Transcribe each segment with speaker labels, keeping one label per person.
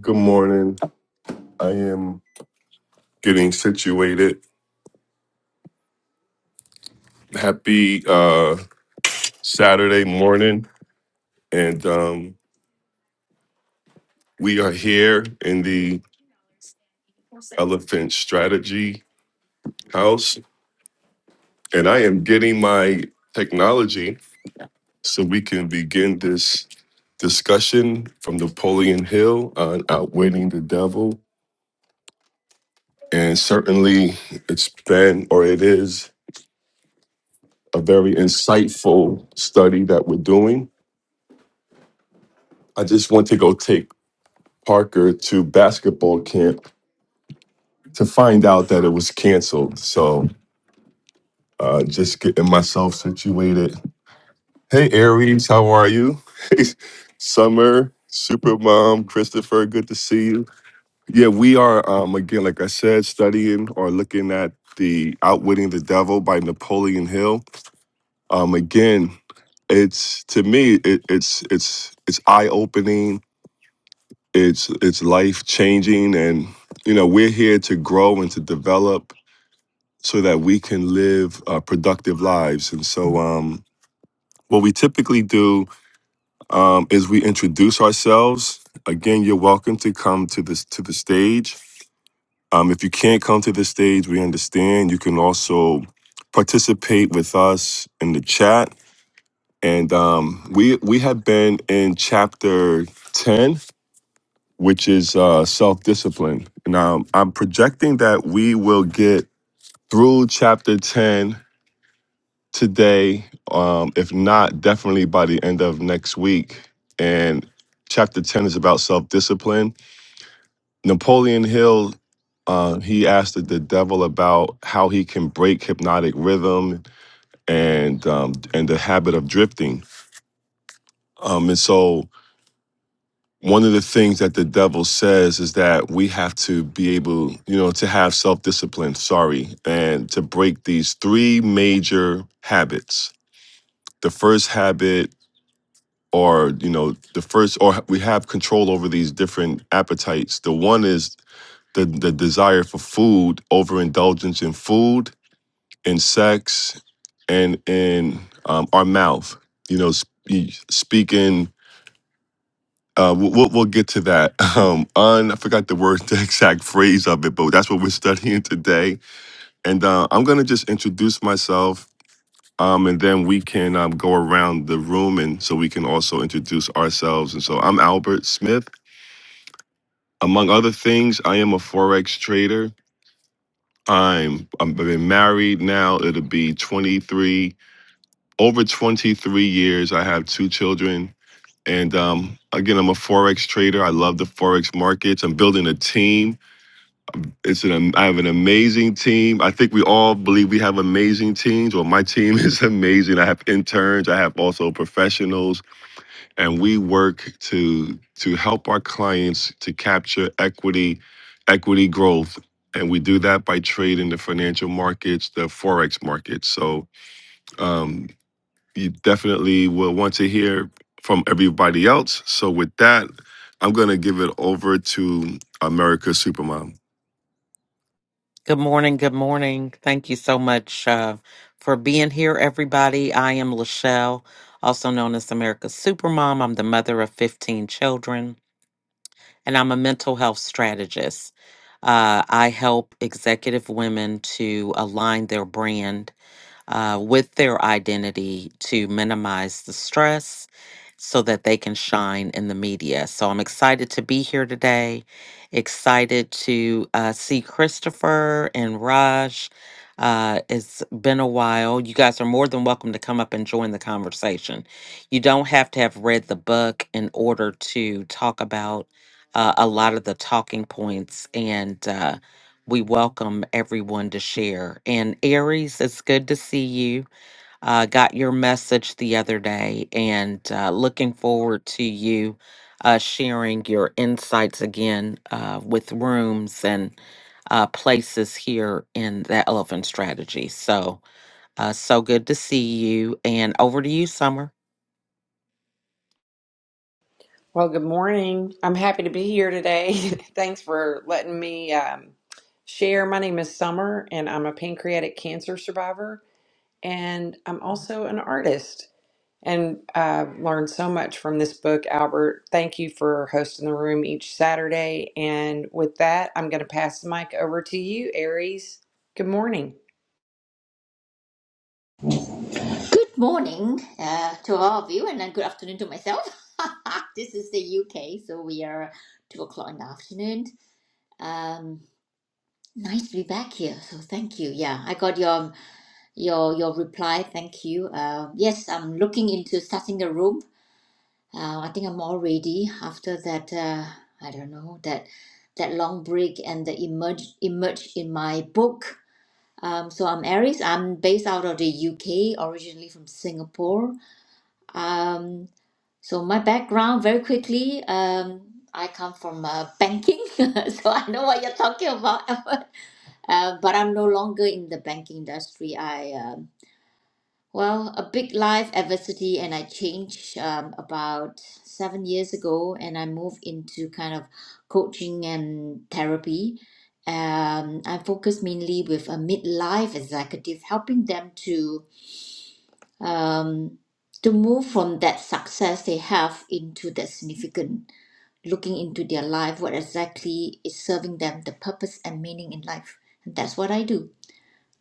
Speaker 1: Good morning. I am getting situated. Happy uh, Saturday morning. And um, we are here in the Elephant Strategy House. And I am getting my technology so we can begin this discussion from Napoleon Hill on outwitting the devil. And certainly it's been, or it is, a very insightful study that we're doing. I just want to go take Parker to basketball camp to find out that it was canceled. So uh, just getting myself situated. Hey, Aries, how are you? Hey, Summer, Super Mom, Christopher, good to see you. Yeah, we are, um, again, like I said, studying or looking at the Outwitting the Devil by Napoleon Hill. Um, again, it's to me, it, it's it's it's eye opening it's it's life changing and you know we're here to grow and to develop so that we can live uh, productive lives and so um what we typically do um, is we introduce ourselves again you're welcome to come to this to the stage um, if you can't come to the stage we understand you can also participate with us in the chat and um, we we have been in chapter 10 which is uh, self discipline. And um, I'm projecting that we will get through chapter 10 today, um, if not, definitely by the end of next week. And chapter 10 is about self discipline. Napoleon Hill. Uh, he asked the devil about how he can break hypnotic rhythm and um, and the habit of drifting. Um, and so one of the things that the devil says is that we have to be able, you know, to have self discipline, sorry, and to break these three major habits. The first habit, or, you know, the first, or we have control over these different appetites. The one is the, the desire for food, overindulgence in food, in sex, and in um, our mouth, you know, sp- speaking Uh, we'll, we'll we'll get to that. Um, on I forgot the word, the exact phrase of it, but that's what we're studying today. And uh, I'm gonna just introduce myself, um, and then we can um, go around the room, and so we can also introduce ourselves. And so I'm Albert Smith. Among other things, I am a forex trader. I'm i have been married now. It'll be 23 over 23 years. I have two children. And um, again, I'm a forex trader. I love the forex markets. I'm building a team It's an am- I have an amazing team. I think we all believe we have amazing teams. Well, my team is amazing. I have interns. I have also professionals, and we work to to help our clients to capture equity, equity growth, and we do that by trading the financial markets, the forex markets. So um, you definitely will want to hear from everybody else. So with that, I'm going to give it over to America Supermom.
Speaker 2: Good morning. Good morning. Thank you so much uh, for being here, everybody. I am Lachelle, also known as America's Supermom. I'm the mother of 15 children, and I'm a mental health strategist. Uh, I help executive women to align their brand uh, with their identity to minimize the stress so that they can shine in the media. So I'm excited to be here today, excited to uh, see Christopher and Raj. Uh, it's been a while. You guys are more than welcome to come up and join the conversation. You don't have to have read the book in order to talk about uh, a lot of the talking points and uh, we welcome everyone to share. And Aries, it's good to see you. Uh, got your message the other day and uh, looking forward to you uh, sharing your insights again uh, with rooms and uh, places here in the elephant strategy. So, uh, so good to see you. And over to you, Summer.
Speaker 3: Well, good morning. I'm happy to be here today. Thanks for letting me um, share. My name is Summer, and I'm a pancreatic cancer survivor, and I'm also an artist. And I've learned so much from this book, Albert. Thank you for hosting the room each Saturday. And with that, I'm going to pass the mic over to you, Aries. Good morning.
Speaker 4: Morning uh, to all of you, and then good afternoon to myself. this is the UK, so we are two o'clock in the afternoon. Um, nice to be back here. So thank you. Yeah, I got your your your reply. Thank you. Uh, yes, I'm looking into starting a room. Uh, I think I'm all ready after that. Uh, I don't know that that long break and the emerge emerge in my book. Um, so I'm Aries. I'm based out of the UK, originally from Singapore. Um, so my background, very quickly, um, I come from uh, banking, so I know what you're talking about. uh, but I'm no longer in the banking industry. I um, well, a big life adversity, and I changed um, about seven years ago, and I moved into kind of coaching and therapy. Um, I focus mainly with a midlife executive, helping them to to move from that success they have into that significant looking into their life, what exactly is serving them, the purpose and meaning in life. And that's what I do.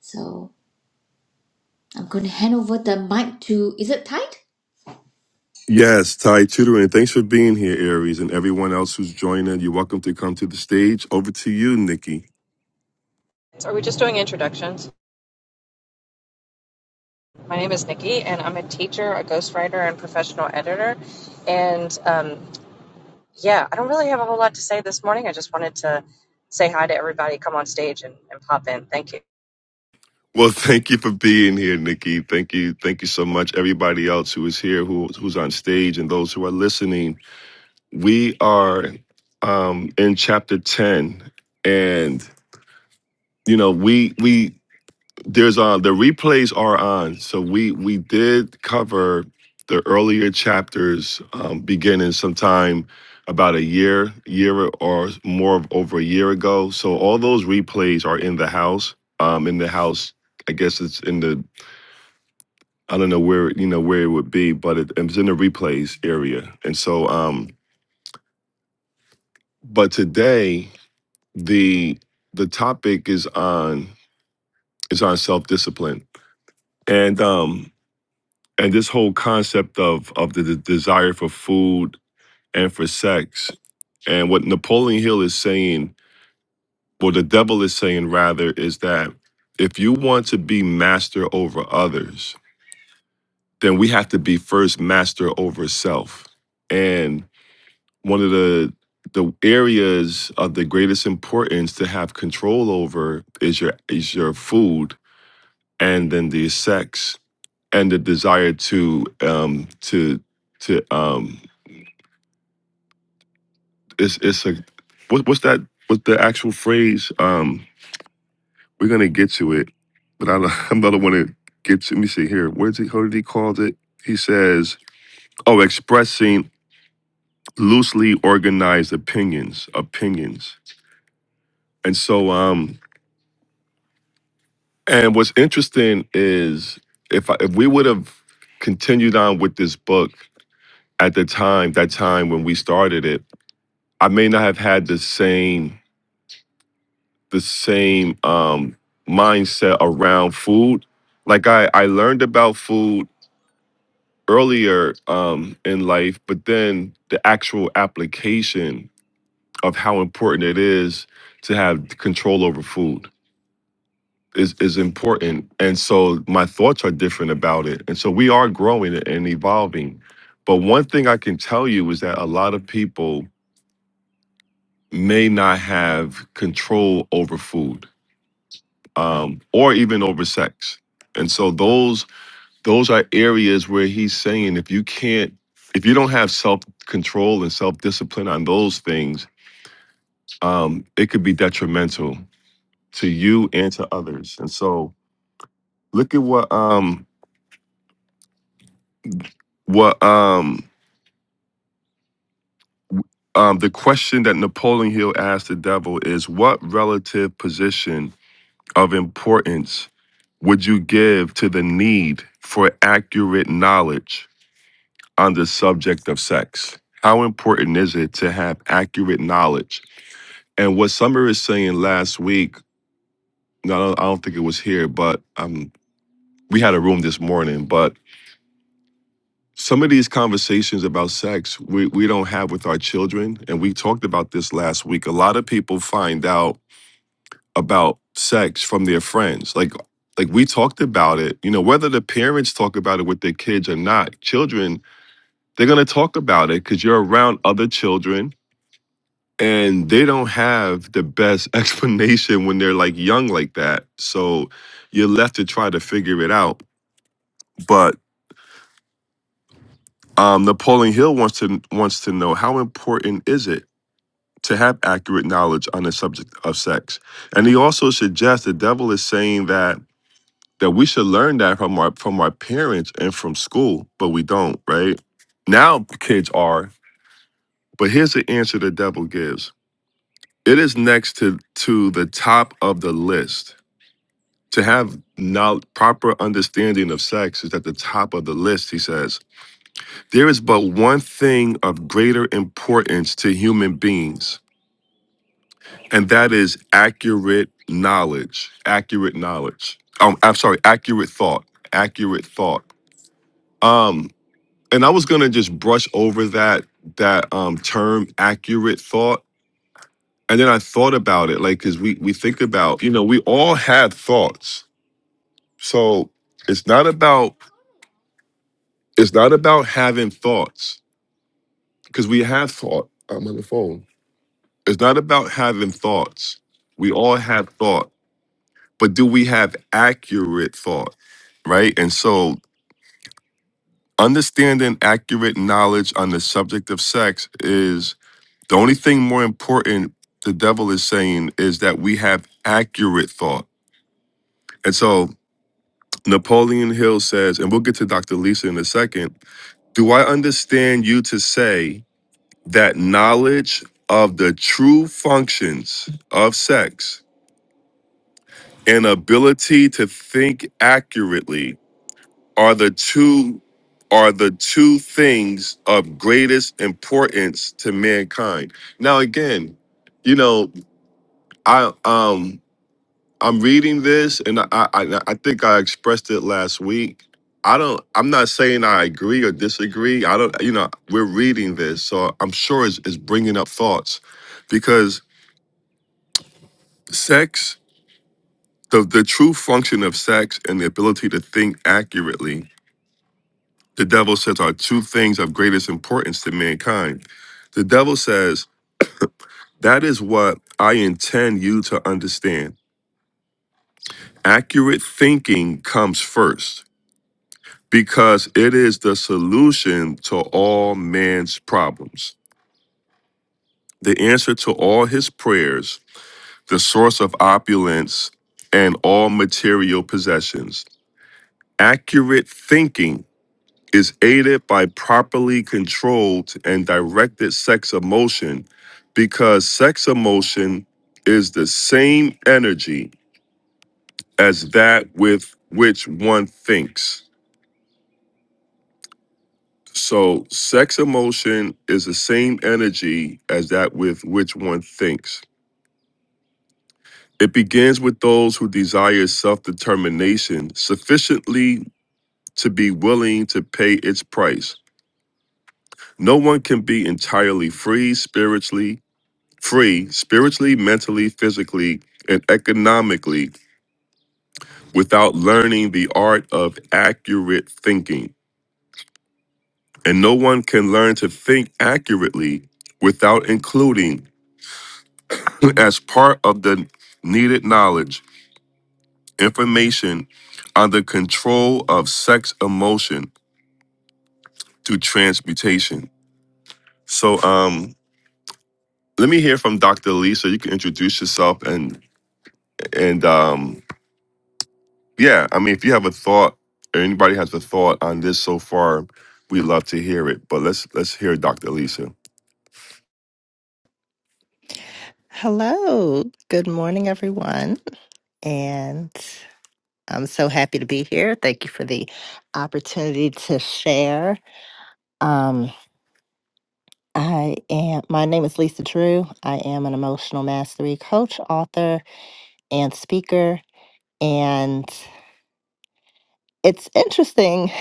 Speaker 4: So I'm going to hand over the mic to, is it tight?
Speaker 1: Yes, Ty Tutoring. Thanks for being here, Aries, and everyone else who's joining. You're welcome to come to the stage. Over to you, Nikki.
Speaker 5: So are we just doing introductions? My name is Nikki, and I'm a teacher, a ghostwriter, and professional editor. And um, yeah, I don't really have a whole lot to say this morning. I just wanted to say hi to everybody, come on stage, and, and pop in. Thank you.
Speaker 1: Well, thank you for being here, Nikki. Thank you. Thank you so much. Everybody else who is here, who, who's on stage, and those who are listening. We are um, in chapter 10. And, you know, we, we, there's uh the replays are on. So we, we did cover the earlier chapters um, beginning sometime about a year, year or more of over a year ago. So all those replays are in the house, um, in the house I guess it's in the I don't know where you know where it would be, but it, it's in the replays area. And so, um, but today the the topic is on is on self discipline, and um, and this whole concept of of the, the desire for food and for sex, and what Napoleon Hill is saying, or the devil is saying rather, is that if you want to be master over others, then we have to be first master over self, and one of the the areas of the greatest importance to have control over is your is your food and then the sex and the desire to um to to um it's it's a what, what's that what's the actual phrase um we're gonna get to it but I don't, I'm not want to get to let me see here where's he how did he called it he says oh expressing loosely organized opinions opinions and so um And what's interesting is if I, if we would have continued on with this book at the time, that time when we started it, I may not have had the same the same um, mindset around food. Like I I learned about food earlier um, in life, but then the actual application of how important it is to have control over food is is important and so my thoughts are different about it and so we are growing and evolving but one thing i can tell you is that a lot of people may not have control over food um, or even over sex and so those those are areas where he's saying if you can't if you don't have self control and self discipline on those things um, it could be detrimental to you and to others and so look at what um what um Um, the question that Napoleon Hill asked the devil is what relative position of importance would you give to the need for accurate knowledge on the subject of sex? How important is it to have accurate knowledge? And what Summer is saying last week, no, I don't think it was here, but um, we had a room this morning, but some of these conversations about sex we, we don't have with our children. And we talked about this last week. A lot of people find out about sex from their friends. Like like we talked about it. You know, whether the parents talk about it with their kids or not, children, they're gonna talk about it because you're around other children and they don't have the best explanation when they're like young like that. So you're left to try to figure it out. But um Napoleon Hill wants to wants to know how important is it to have accurate knowledge on the subject of sex. And he also suggests the devil is saying that that we should learn that from our from our parents and from school, but we don't, right? Now kids are. But here's the answer the devil gives. It is next to to the top of the list. To have now proper understanding of sex is at the top of the list, he says. There is but one thing of greater importance to human beings, and that is accurate knowledge. Accurate knowledge. Um, I'm sorry, accurate thought. Accurate thought. Um, and I was gonna just brush over that that um term accurate thought. And then I thought about it, like, cause we we think about, you know, we all have thoughts. So it's not about it's not about having thoughts, because we have thought. I'm on the phone. It's not about having thoughts. We all have thought, but do we have accurate thought? Right. And so understanding accurate knowledge on the subject of sex is. The only thing more important the devil is saying is that we have accurate thought. And so Napoleon Hill says, and we'll get to Dr. Lisa in a second. Do I understand you to say that knowledge of the true functions of sex and ability to think accurately are the two are the two things of greatest importance to mankind? Now again, you know, I um I'm reading this, and I, I I think I expressed it last week. I don't. I'm not saying I agree or disagree. I don't. You know, we're reading this, so I'm sure it's, it's bringing up thoughts, because sex, the the true function of sex and the ability to think accurately, the devil says are two things of greatest importance to mankind. The devil says that is what I intend you to understand. Accurate thinking comes first because it is the solution to all man's problems, the answer to all his prayers, the source of opulence and all material possessions. Accurate thinking is aided by properly controlled and directed sex emotion because sex emotion is the same energy as that with which one thinks. So, sex emotion is the same energy as that with which one thinks. It begins with those who desire self determination sufficiently to be willing to pay its price. No one can be entirely free spiritually, free spiritually, mentally, physically, and economically without learning the art of accurate thinking. And no one can learn to think accurately without including as part of the needed knowledge, information on the control of sex emotion through transmutation. So um let me hear from Dr. Lee so you can introduce yourself and and um yeah, I mean if you have a thought or anybody has a thought on this so far, we'd love to hear it. But let's let's hear Dr. Lisa.
Speaker 6: Hello. Good morning, everyone. And I'm so happy to be here. Thank you for the opportunity to share. Um, I am, my name is Lisa Drew. I am an emotional mastery coach, author, and speaker. And it's interesting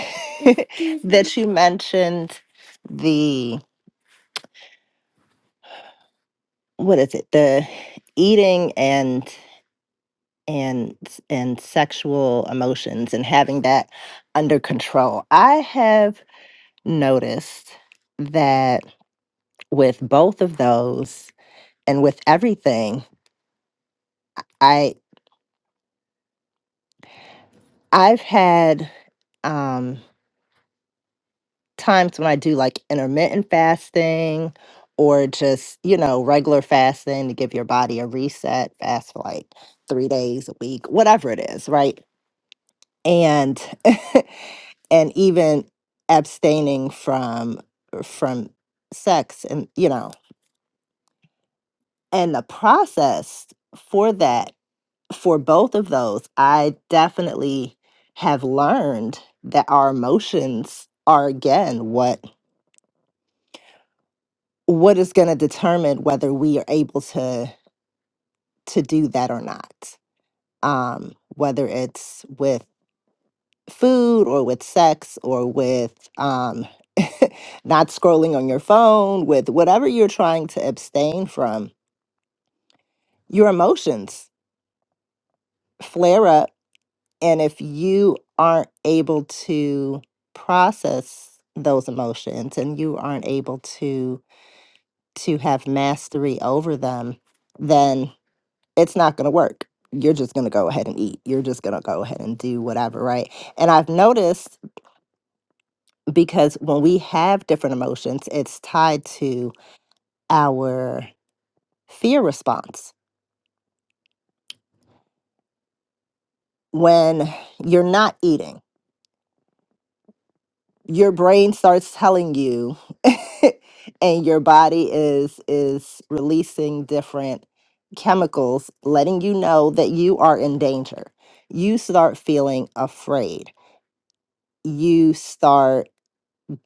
Speaker 6: that you mentioned the, what is it, the eating and and and sexual emotions and having that under control. I have noticed that with both of those and with everything, I I've had um times when I do like intermittent fasting or just, you know, regular fasting to give your body a reset, fast for like 3 days a week, whatever it is, right? And and even abstaining from from sex and you know and the process for that for both of those i definitely have learned that our emotions are again what what is going to determine whether we are able to to do that or not um whether it's with food or with sex or with um, not scrolling on your phone, with whatever you're trying to abstain from, your emotions flare up. And if you aren't able to process those emotions and you aren't able to to have mastery over them, then it's not going to work. You're just going to go ahead and eat. You're just going to go ahead and do whatever, right? And I've noticed because when we have different emotions, it's tied to our fear response. When you're not eating, your brain starts telling you and your body is is releasing different chemicals letting you know that you are in danger. You start feeling afraid. You start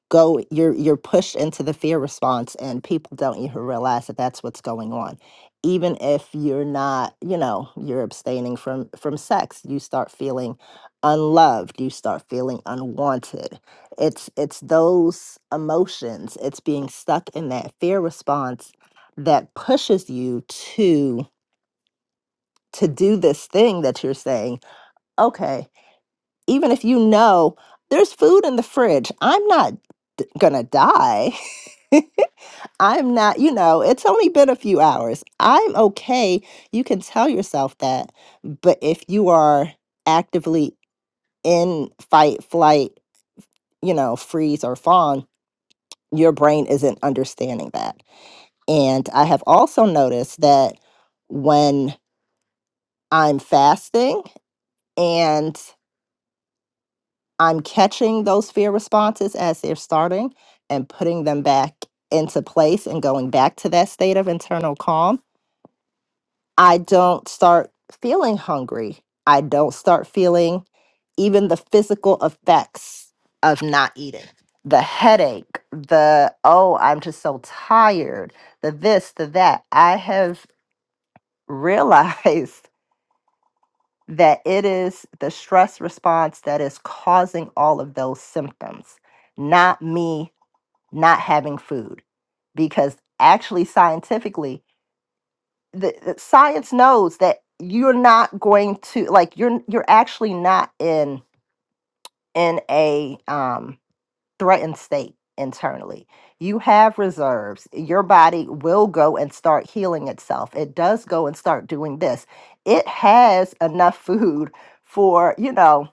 Speaker 6: go you're you're pushed into the fear response and people don't even realize that that's what's going on even if you're not you know you're abstaining from from sex you start feeling unloved you start feeling unwanted it's it's those emotions it's being stuck in that fear response that pushes you to to do this thing that you're saying okay even if you know there's food in the fridge, I'm not d- gonna die. I'm not, you know, it's only been a few hours. I'm okay. You can tell yourself that. But if you are actively in fight, flight, you know, freeze or fawn, your brain isn't understanding that. And I have also noticed that when I'm fasting, and I'm catching those fear responses as they're starting and putting them back into place and going back to that state of internal calm. I don't start feeling hungry. I don't start feeling even the physical effects of not eating. The headache, the oh, I'm just so tired, the this, the that. I have realized that it is the stress response that is causing all of those symptoms not me not having food because actually scientifically the, the science knows that you're not going to like you're you're actually not in in a um threatened state internally you have reserves your body will go and start healing itself it does go and start doing this it has enough food for you know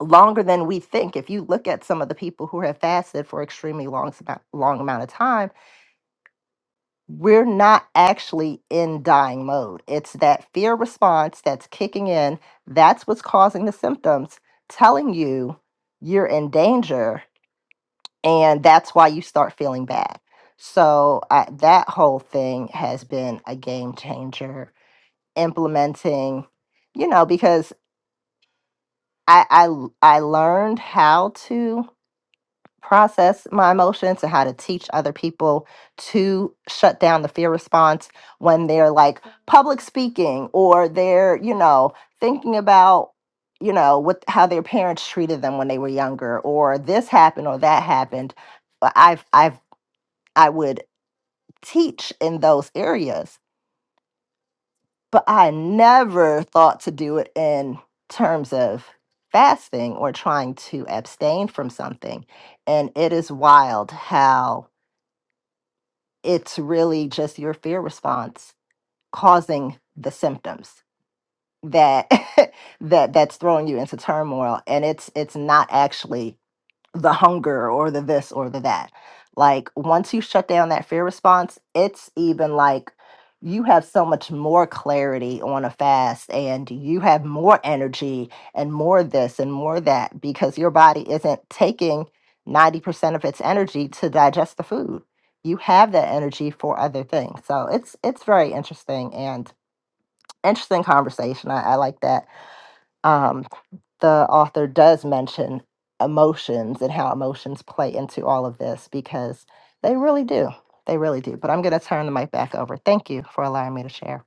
Speaker 6: longer than we think if you look at some of the people who have fasted for extremely long amount- long amount of time we're not actually in dying mode. It's that fear response that's kicking in. That's what's causing the symptoms, telling you you're in danger. And that's why you start feeling bad. So, I, that whole thing has been a game changer. Implementing, you know, because I, I, l- I learned how to. process my emotions and how to teach other people to shut down the fear response when they're like public speaking or they're you know thinking about you know what how their parents treated them when they were younger or this happened or that happened But i've i've i would teach in those areas but i never thought to do it in terms of fasting or trying to abstain from something and it is wild how it's really just your fear response causing the symptoms that that that's throwing you into turmoil and it's it's not actually the hunger or the this or the that. Like once you shut down that fear response, it's even like you have so much more clarity on a fast and you have more energy and more this and more that because your body isn't taking 90% of its energy to digest the food. You have that energy for other things. So it's it's very interesting and interesting conversation. I, I like that. Um the author does mention emotions and how emotions play into all of this because they really do. They really do. But I'm going to turn the mic back over. Thank you for allowing me to share.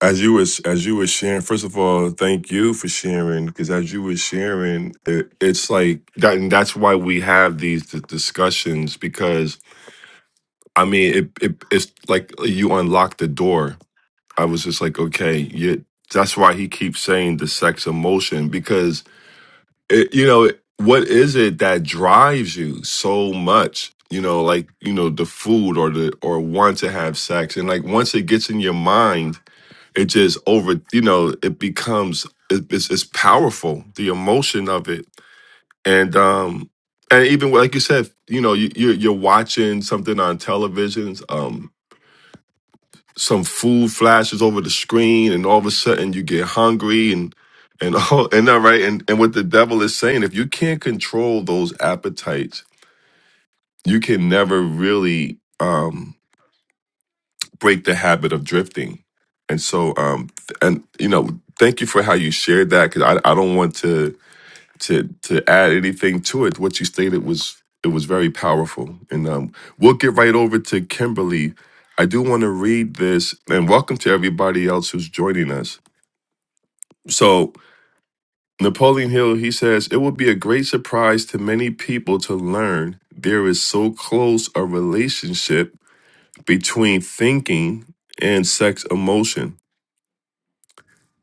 Speaker 1: as you was as you were sharing first of all thank you for sharing because as you were sharing it, it's like that and that's why we have these d- discussions because i mean it, it it's like you unlock the door i was just like okay you, that's why he keeps saying the sex emotion because it, you know what is it that drives you so much you know like you know the food or the or want to have sex and like once it gets in your mind it just over you know it becomes it, it's, it's powerful the emotion of it and um and even like you said you know you, you're, you're watching something on televisions um some food flashes over the screen and all of a sudden you get hungry and and all and that right and and what the devil is saying if you can't control those appetites you can never really um break the habit of drifting. And so, um, th- and you know, thank you for how you shared that because I, I don't want to to to add anything to it. What you stated was it was very powerful, and um, we'll get right over to Kimberly. I do want to read this, and welcome to everybody else who's joining us. So, Napoleon Hill he says it will be a great surprise to many people to learn there is so close a relationship between thinking and sex emotion.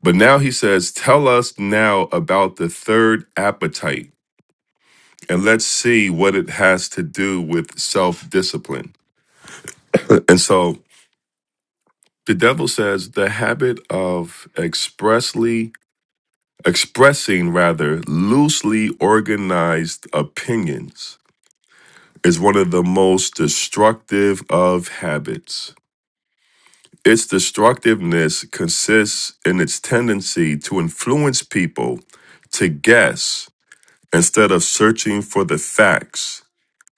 Speaker 1: But now he says, Tell us now about the third appetite, and let's see what it has to do with self discipline. And so the devil says, The habit of expressly expressing rather loosely organized opinions is one of the most destructive of habits. Its destructiveness consists in its tendency to influence people to guess Instead of searching for the facts,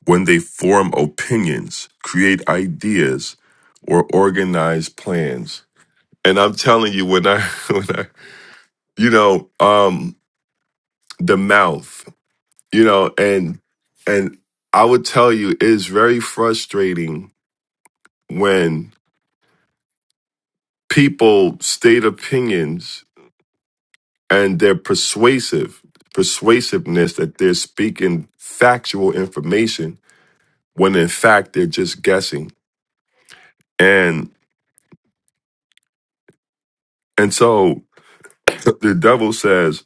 Speaker 1: when they form opinions, create ideas, or organize plans. And I'm telling you, when I, when I you know, um, the mouth, you know, and and I would tell you it's very frustrating when people state opinions and their persuasive, persuasiveness that they're speaking factual information when in fact they're just guessing And and so the devil says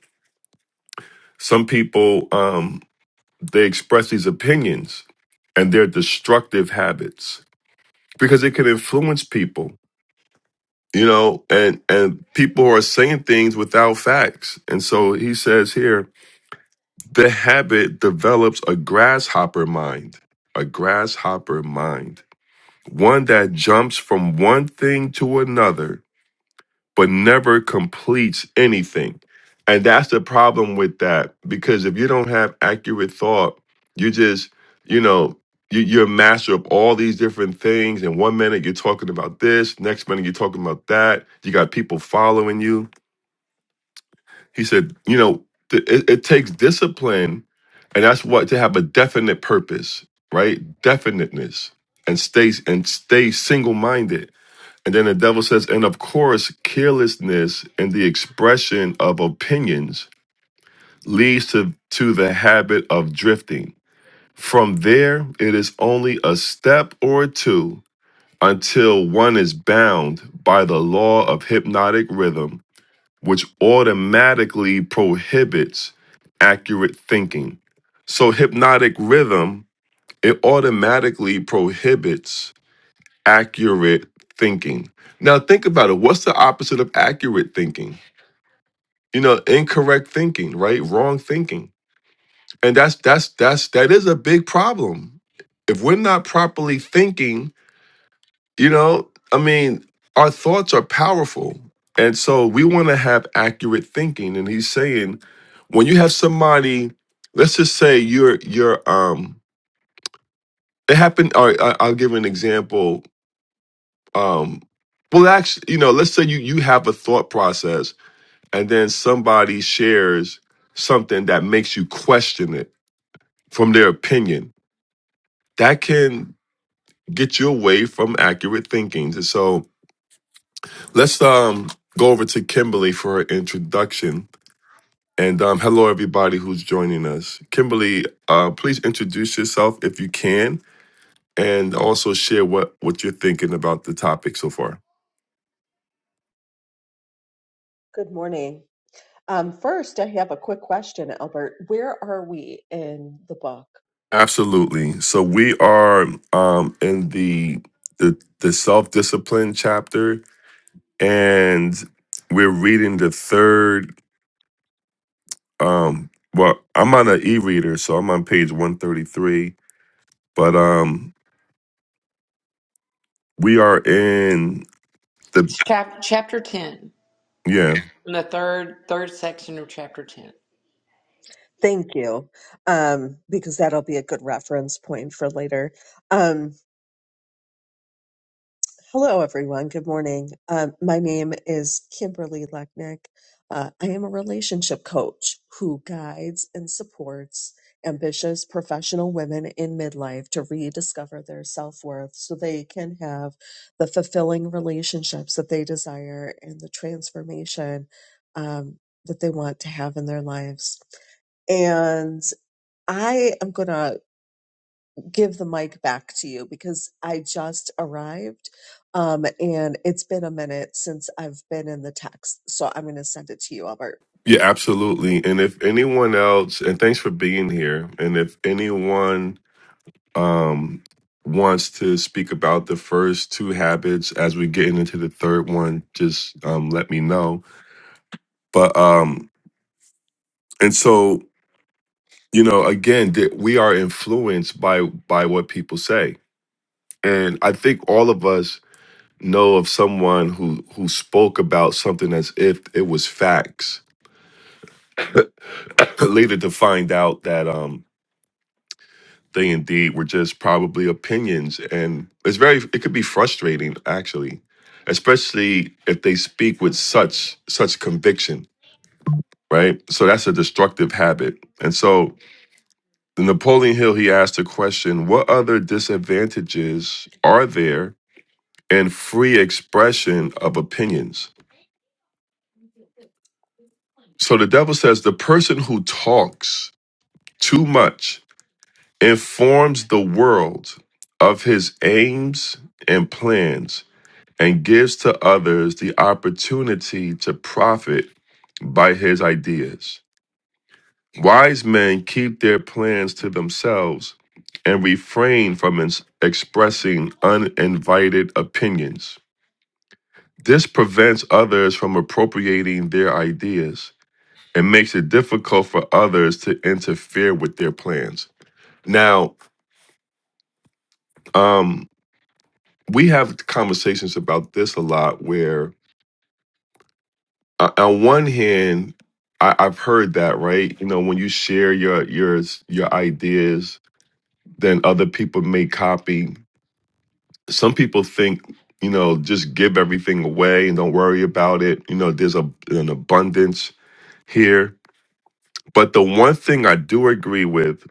Speaker 1: some people um they express these opinions and their destructive habits because it can influence people, you know, and and people are saying things without facts. And so he says here, the habit develops a grasshopper mind, a grasshopper mind, one that jumps from one thing to another but never completes anything. And that's the problem with that because if you don't have accurate thought, you just, you know, you, you're a master of all these different things. And one minute you're talking about this, next minute you're talking about that. You got people following you. He said, you know, th- it, it takes discipline, and that's what to have a definite purpose, right? Definiteness, and stay and stay single minded and then the devil says, and of course, carelessness in the expression of opinions leads to, to the habit of drifting. From there, it is only a step or two until one is bound by the law of hypnotic rhythm, which automatically prohibits accurate thinking. So, hypnotic rhythm, it automatically prohibits accurate thinking. Now, think about it. What's the opposite of accurate thinking? You know, incorrect thinking, right? Wrong thinking. And that's that's that's that is a big problem. If we're not properly thinking, you know, I mean, our thoughts are powerful. And so we want to have accurate thinking. And he's saying when you have somebody, let's just say you're you're um it happened or I- I'll give an example um well actually you know let's say you you have a thought process and then somebody shares something that makes you question it from their opinion that can get you away from accurate thinking And so let's um go over to kimberly for her introduction and um hello everybody who's joining us kimberly uh please introduce yourself if you can and also share what what you're thinking about the topic so far
Speaker 7: Good morning. Um, first, I have a quick question, Albert. Where are we in the book?
Speaker 1: Absolutely. So we are um in the the, the self-discipline chapter and we're reading the third um well, I'm on an e-reader, so I'm on page 133, but um we are in the
Speaker 3: Chap- chapter 10,
Speaker 1: yeah.
Speaker 3: in the third third section of chapter 10.
Speaker 7: Thank you, um, because that'll be a good reference point for later. Um, Hello, everyone. Good morning. Um, my name is Kimberly Lechnick. Uh, I am a relationship coach who guides and supports ambitious professional women in midlife to rediscover their self worth so they can have the fulfilling relationships that they desire and the transformation um, that they want to have in their lives. And I am going to give the mic back to you because I just arrived um, and it's been a minute since I've been in the text. So I'm going to send it to you, Albert.
Speaker 1: Yeah, absolutely. And if anyone else, and thanks for being here, and if anyone um, wants to speak about the first two habits. As we're getting into the third one, just um, let me know. But um, and so you know, again, that we are influenced by by what people say, and I think all of us know of someone who who spoke about something as if it was facts, later to find out that um they indeed were just probably opinions and it's very it could be frustrating actually especially if they speak with such such conviction right so that's a destructive habit and so the napoleon hill he asked the question what other disadvantages are there in free expression of opinions so the devil says the person who talks too much informs the world of his aims and plans and gives to others the opportunity to profit by his ideas. Wise men keep their plans to themselves and refrain from ins- expressing uninvited opinions. This prevents others from appropriating their ideas and makes it difficult for others to interfere with their plans. Now, um, we have conversations about this a lot where. uh, on one hand, I, I've heard that, right? You know, when you share your your your ideas, then other people may copy. Some people think, you know, just give everything away and don't worry about it. You know, there's a, an abundance here. But the one thing I do agree with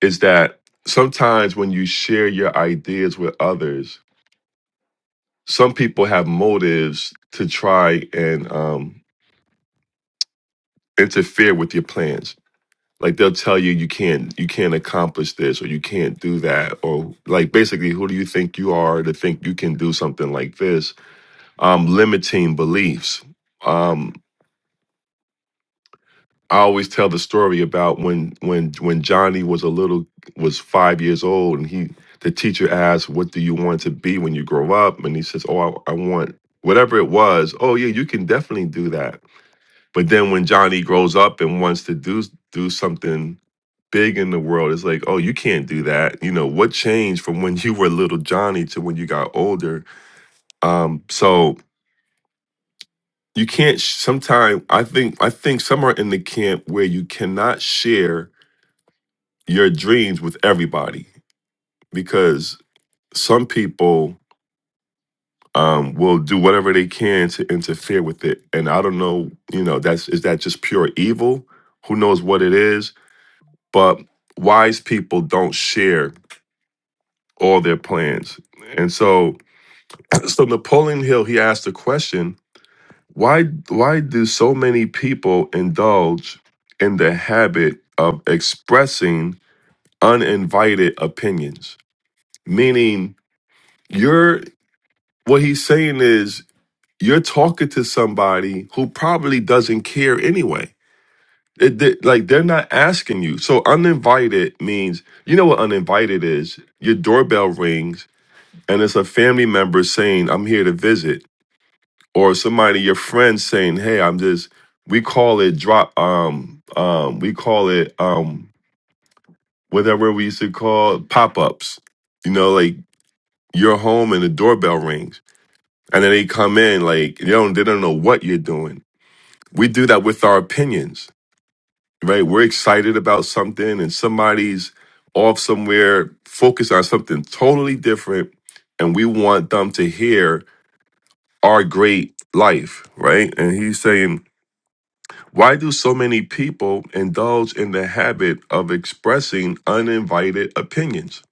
Speaker 1: is that sometimes when you share your ideas with others, some people have motives to try and um, interfere with your plans Like they'll tell you you can't you can't accomplish this or you can't do that or like basically who do you think you are to think you can do something like this? Um, limiting beliefs. Um, I always tell the story about when when when Johnny was a little was five years old and he the teacher asked what do you want to be when you grow up and he says oh I, I want whatever it was oh yeah you can definitely do that But then when Johnny grows up and wants to do do something big in the world, it's like, oh, you can't do that. You know, what changed from when you were little Johnny to when you got older? Um, so you can't sometimes I think I think some are in the camp where you cannot share your dreams with everybody because some people um, will do whatever they can to interfere with it. And I don't know, you know, that's is that just pure evil? Who knows what it is? but wise people don't share all their plans. And so, so Napoleon Hill, he asked the question, why why do so many people indulge in the habit of expressing uninvited opinions? Meaning, you're what he's saying is you're talking to somebody who probably doesn't care anyway. It, they- like they're not asking you. So uninvited means you know what uninvited is. Your doorbell rings and it's a family member saying, I'm here to visit, or somebody, your friend saying, Hey, I'm just we call it drop um um we call it um whatever we used to call pop ups. You know, like you're home and the doorbell rings. And then they come in like you don't they don't know what you're doing. We do that with our opinions, right? We're excited about something and somebody's off somewhere focused on something totally different and we want them to hear our great life, right? And he's saying, why do so many people indulge in the habit of expressing uninvited opinions?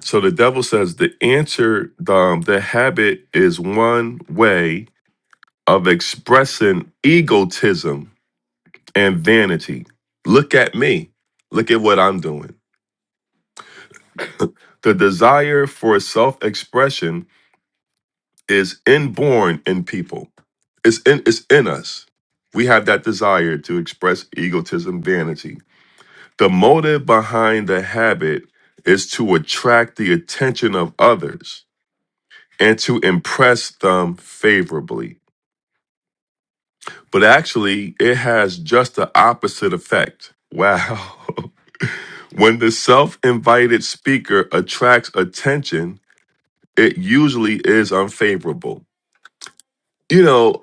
Speaker 1: So the devil says the answer, um, the habit is one way of expressing egotism and vanity. Look at me. Look at what I'm doing. The desire for self expression is inborn in people. It's in it's in us. We have that desire to express egotism, vanity. The motive behind the habit is to attract the attention of others and to impress them favorably. But actually, it has just the opposite effect. Wow. when the self invited speaker attracts attention, it usually is unfavorable. You know,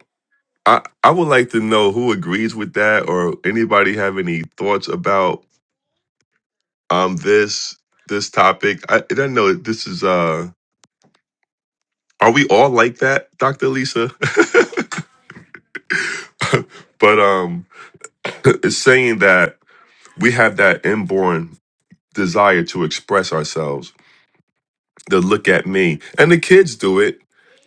Speaker 1: I, I would like to know who agrees with that or anybody have any thoughts about um this this topic. I, I don't know this is uh are we all like that, Dr. Lisa? but um it's saying that we have that inborn desire to express ourselves, to look at me. And the kids do it.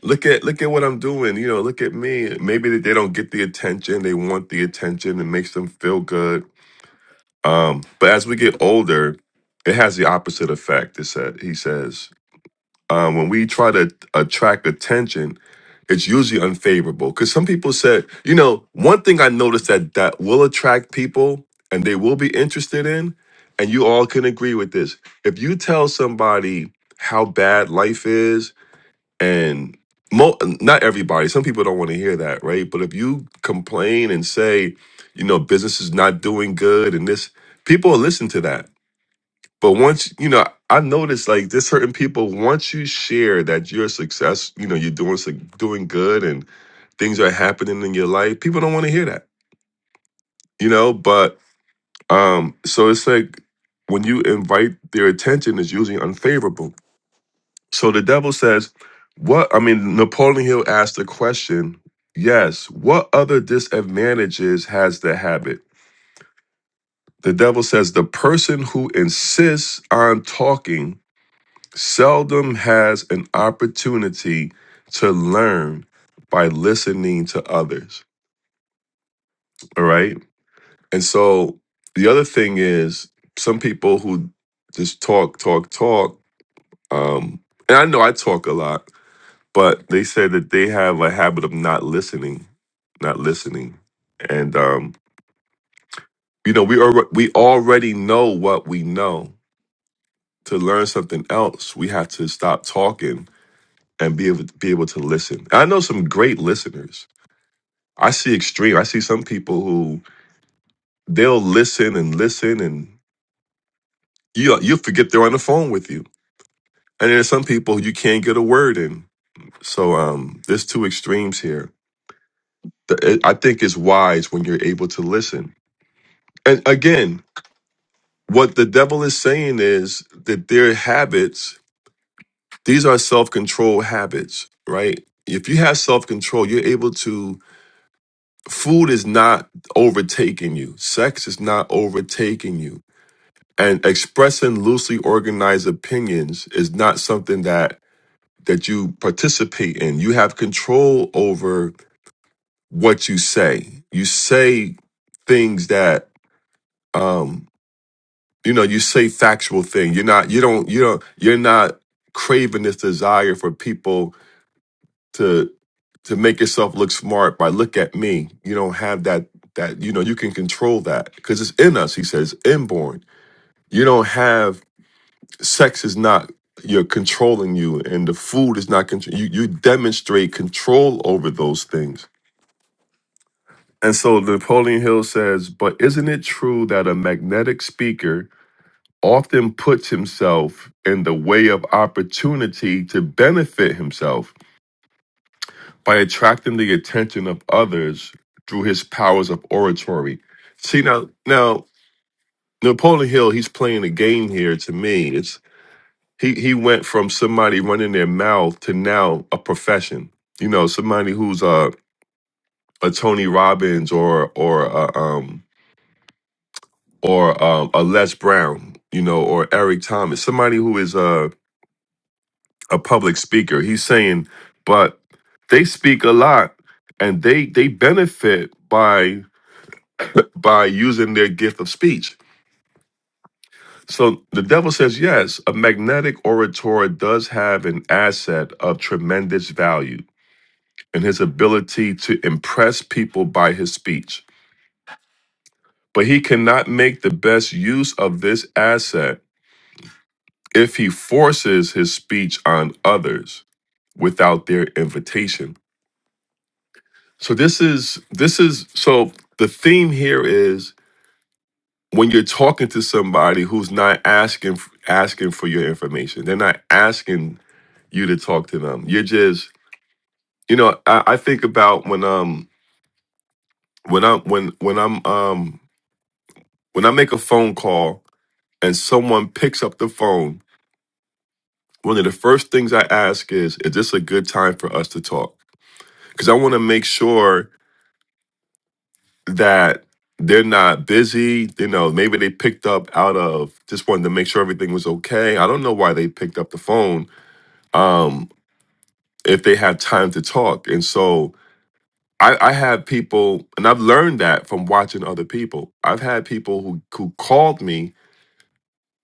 Speaker 1: Look at look at what I'm doing, you know, look at me. Maybe they they don't get the attention, they want the attention, it makes them feel good Um, but as we get older, it has the opposite effect. It said he says um, when we try to attract attention, it's usually unfavorable. Because some people said, you know, one thing I noticed that that will attract people and they will be interested in, and you all can agree with this. If you tell somebody how bad life is and mo- not everybody, some people don't want to hear that, right? But if you complain and say, you know, business is not doing good and this, people will listen to that. But once, you know, I noticed like there's certain people, once you share that you're success, you know, you're doing suc- doing good and things are happening in your life, people don't want to hear that, you know? But um, so it's like when you invite their attention, it's usually unfavorable So the devil says, What? I mean, Napoleon Hill asked the question, Yes, what other disadvantages has the habit? The devil says, The person who insists on talking seldom has an opportunity to learn by listening to others. All right. And so the other thing is, some people who just talk, talk, talk, um, and I know I talk a lot but they said that they have a habit of not listening, not listening, and um, you know we are we already know what we know. To learn something else, we have to stop talking and be able be able to listen. And I know some great listeners. I see extreme. I see some people who they'll listen and listen, and you you forget they're on the phone with you. And there's some people you can't get a word in. So um, there's two extremes here. The, I think it's wise when you're able to listen And again, what the devil is saying is that their habits, these are self control habits, right? If you have self control, you're able to, food is not overtaking you, sex is not overtaking you. And expressing loosely organized opinions is not something that that you participate in. You have control over what you say. You say things that um, you know you say factual thing you're not you don't you don't you're not craving this desire for people to to make yourself look smart by look at me you don't have that that you know you can control that because it's in us he says inborn you don't have sex is not you're controlling you and the food is not control you, you demonstrate control over those things and so napoleon hill says but isn't it true that a magnetic speaker often puts himself in the way of opportunity to benefit himself by attracting the attention of others through his powers of oratory. See now now Napoleon Hill, he's playing a game here to me. It's he he went from somebody running their mouth to now a profession. You know, somebody who's a a Tony Robbins or or a, um or um, a Les Brown, you know, or Eric Thomas, somebody who is uh a public speaker. He's saying, but they speak a lot and they they benefit by by using their gift of speech. So the devil says, yes, a magnetic orator does have an asset of tremendous value in his ability to impress people by his speech. But he cannot make the best use of this asset if he forces his speech on others without their invitation. So this is this is so the theme here is when you're talking to somebody who's not asking asking for your information. They're not asking you to talk to them. You're just you know I, I think about when um when I'm when when I'm um when I make a phone call and someone picks up the phone. One of the first things I ask is, is this a good time for us to talk? Because I want to make sure that they're not busy. You know, maybe they picked up out of just wanted to make sure everything was okay. I don't know why they picked up the phone um, if they had time to talk. And so I, I have people, and I've learned that from watching other people. I've had people who who called me,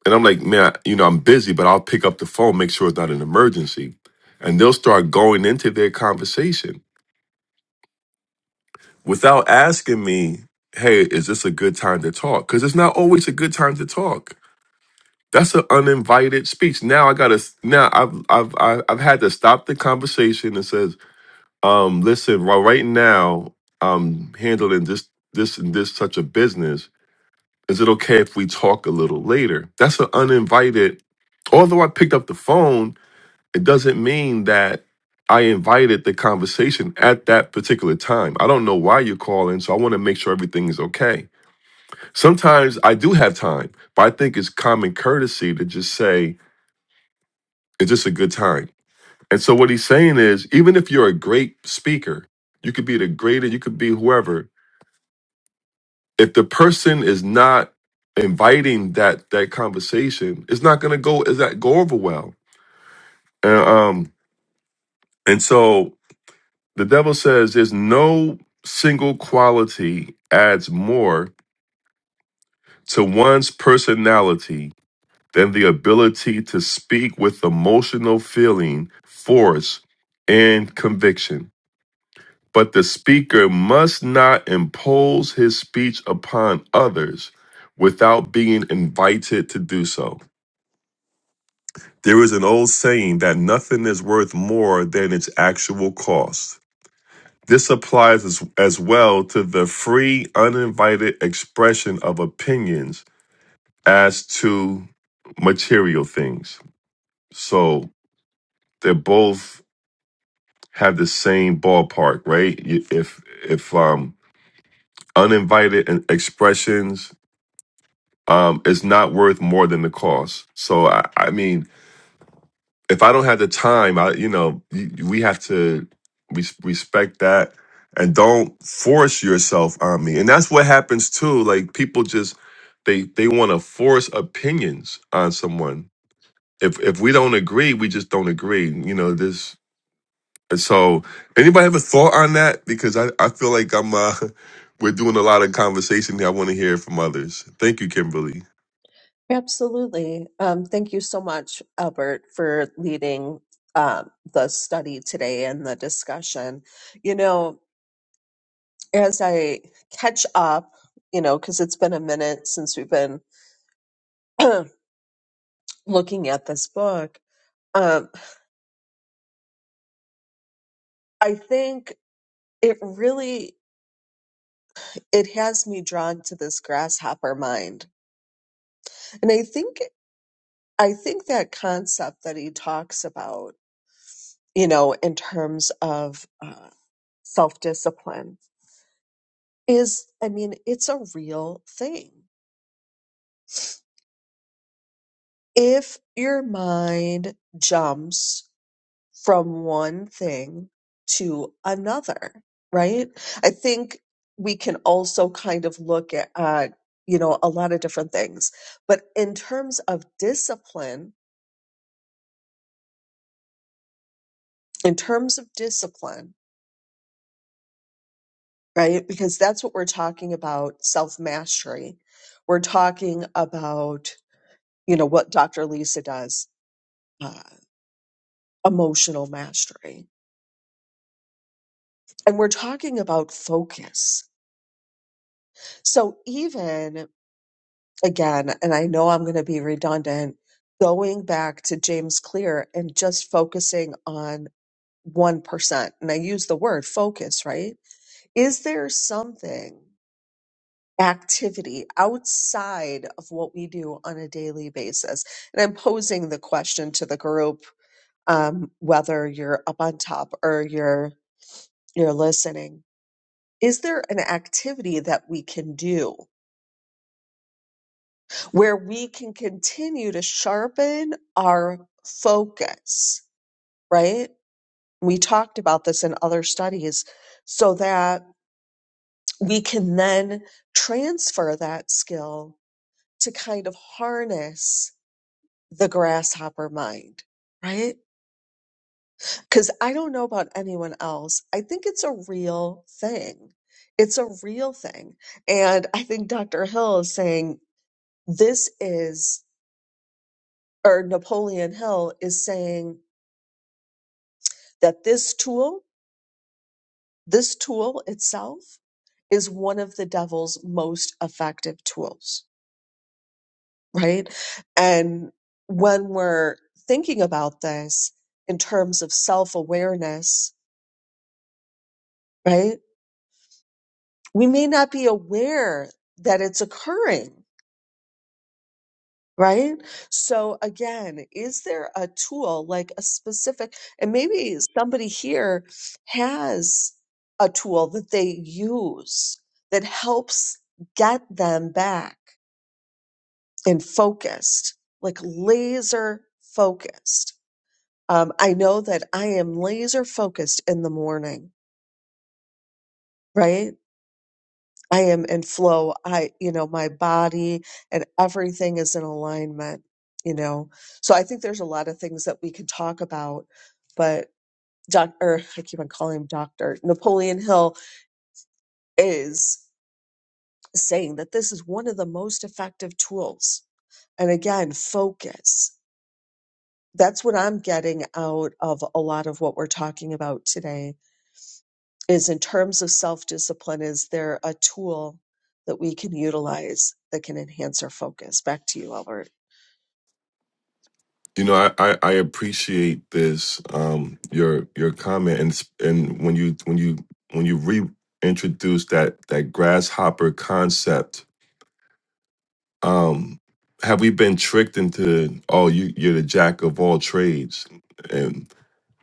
Speaker 1: and I'm like, man, you know, I'm busy, but I'll pick up the phone, make sure it's not an emergency, and they'll start going into their conversation without asking me, hey, is this a good time to talk? Because it's not always a good time to talk That's an uninvited speech. Now I gotta. Now I've I've I've I've had to stop the conversation and says, um, listen, right, right now I'm handling this this and this such a business. Is it okay if we talk a little later? That's an uninvited. Although I picked up the phone, it doesn't mean that I invited the conversation at that particular time. I don't know why you're calling, so I want to make sure everything is okay. Sometimes I do have time, but I think it's common courtesy to just say It's just a good time. And so what he's saying is, even if you're a great speaker, you could be the greatest, you could be whoever. If the person is not inviting that that conversation, it's not going to go. Is that go over well? And, um, and so the devil says, there's no single quality adds more to one's personality than the ability to speak with emotional feeling, force, and conviction. But the speaker must not impose his speech upon others without being invited to do so. There is an old saying that nothing is worth more than its actual cost. This applies as, as well to the free, uninvited expression of opinions as to material things. So they both have the same ballpark, right? You- If if um, uninvited expressions um, is not worth more than the cost. So I, I mean, if I don't have the time, I you know y- we have to res- respect that and don't force yourself on me. And that's what happens too. Like people just they they want to force opinions on someone. If if we don't agree, we just don't agree. You know this. So anybody have a thought on that? Because I I feel like I'm uh we're doing a lot of conversation here. I want to hear from others. Thank you, Kimberly.
Speaker 7: Absolutely. Um, thank you so much, Albert, for leading um, the study today and the discussion. You know, as I catch up, you know, because it's been a minute since we've been looking at this book, um, I think it really. it has me drawn to this grasshopper mind. And I think I think that concept that he talks about, you know, in terms of uh, self-discipline is I mean, it's a real thing. If your mind jumps from one thing to another, right? I think we can also kind of look at uh, you know, a lot of different things. But in terms of discipline, in terms of discipline, right? Because that's what we're talking about self mastery. We're talking about, you know, what Dr. Lisa does, uh, emotional mastery. And we're talking about focus. So even again, and I know I'm going to be redundant, going back to James Clear and just focusing on 1%. And I use the word focus, right? Is there something activity outside of what we do on a daily basis? And I'm posing the question to the group, um, whether you're up on top or you're you're listening. Is there an activity that we can do where we can continue to sharpen our focus, right? We talked about this in other studies so that we can then transfer that skill to kind of harness the grasshopper mind, right? Because I don't know about anyone else. I think it's a real thing. It's a real thing. And I think Dr. Hill is saying this is, or Napoleon Hill is saying that this tool, this tool itself, is one of the devil's most effective tools, right? And when we're thinking about this in terms of self awareness, right? we may not be aware that it's occurring, right? So again, is there a tool like a specific, and maybe somebody here has a tool that they use that helps get them back and focused, like laser focused. Um, I know that I am laser focused in the morning, right? I am in flow. I, you know, my body and everything is in alignment, you know. So I think there's a lot of things that we could talk about, but Dr. I keep on calling him Dr. Napoleon Hill is saying that this is one of the most effective tools. And again, focus. That's what I'm getting out of a lot of what we're talking about today is in terms of self discipline, is there a tool that we can utilize that can enhance our focus? Back to you, Albert.
Speaker 1: You know, I, I, I appreciate this um your your comment and s- and when you when you when you reintroduce that that grasshopper concept, um, have we been tricked into oh you you're the jack of all trades and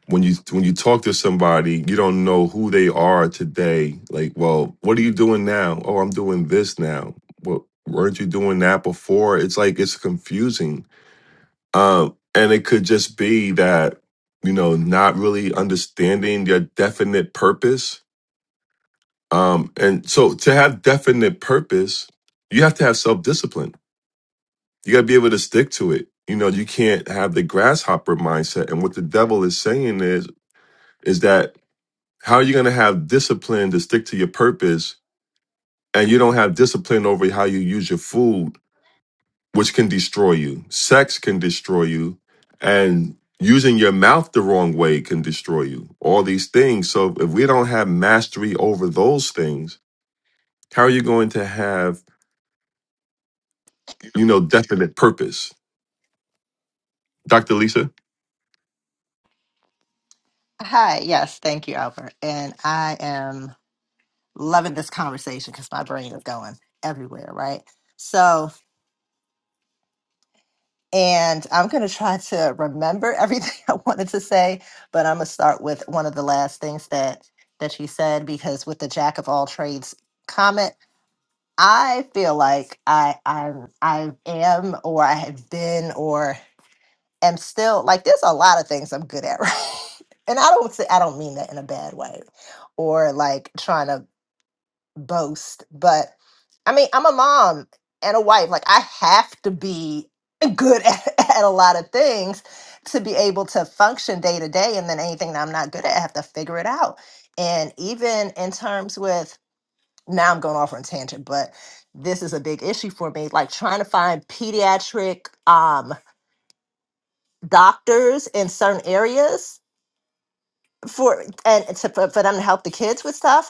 Speaker 1: when you when you talk to somebody you don't know who they are today like well what are you doing now oh I'm doing this now well weren't you doing that before it's like it's confusing um, and it could just be that, you know, not really understanding your definite purpose. Um, and so to have definite purpose, you have to have self discipline. You got to be able to stick to it. You know, you can't have the grasshopper mindset. And what the devil is saying is, is that how are you going to have discipline to stick to your purpose and you don't have discipline over how you use your food which can destroy you. Sex can destroy you, and using your mouth the wrong way can destroy you. All these things. So if we don't have mastery over those things, how are you going to have, you know, definite purpose? Dr. Lisa?
Speaker 6: Hi, yes, thank you, Albert. And I am loving this conversation because my brain is going everywhere, right? So, And I'm going to try to remember everything I wanted to say, but I'm going to start with one of the last things that that she said because with the jack of all trades comment, I feel like I I'm I am or I have been or am still like there's a lot of things I'm good at, right? And I don't say I don't mean that in a bad way or like trying to boast, but I mean, I'm a mom and a wife. Like, I have to be good at, at a lot of things to be able to function day to day. And then anything that I'm not good at, I have to figure it out. And even in terms with now, I'm going off on a tangent, but this is a big issue for me. Like, trying to find pediatric um, doctors in certain areas for and to, for for them to help the kids with stuff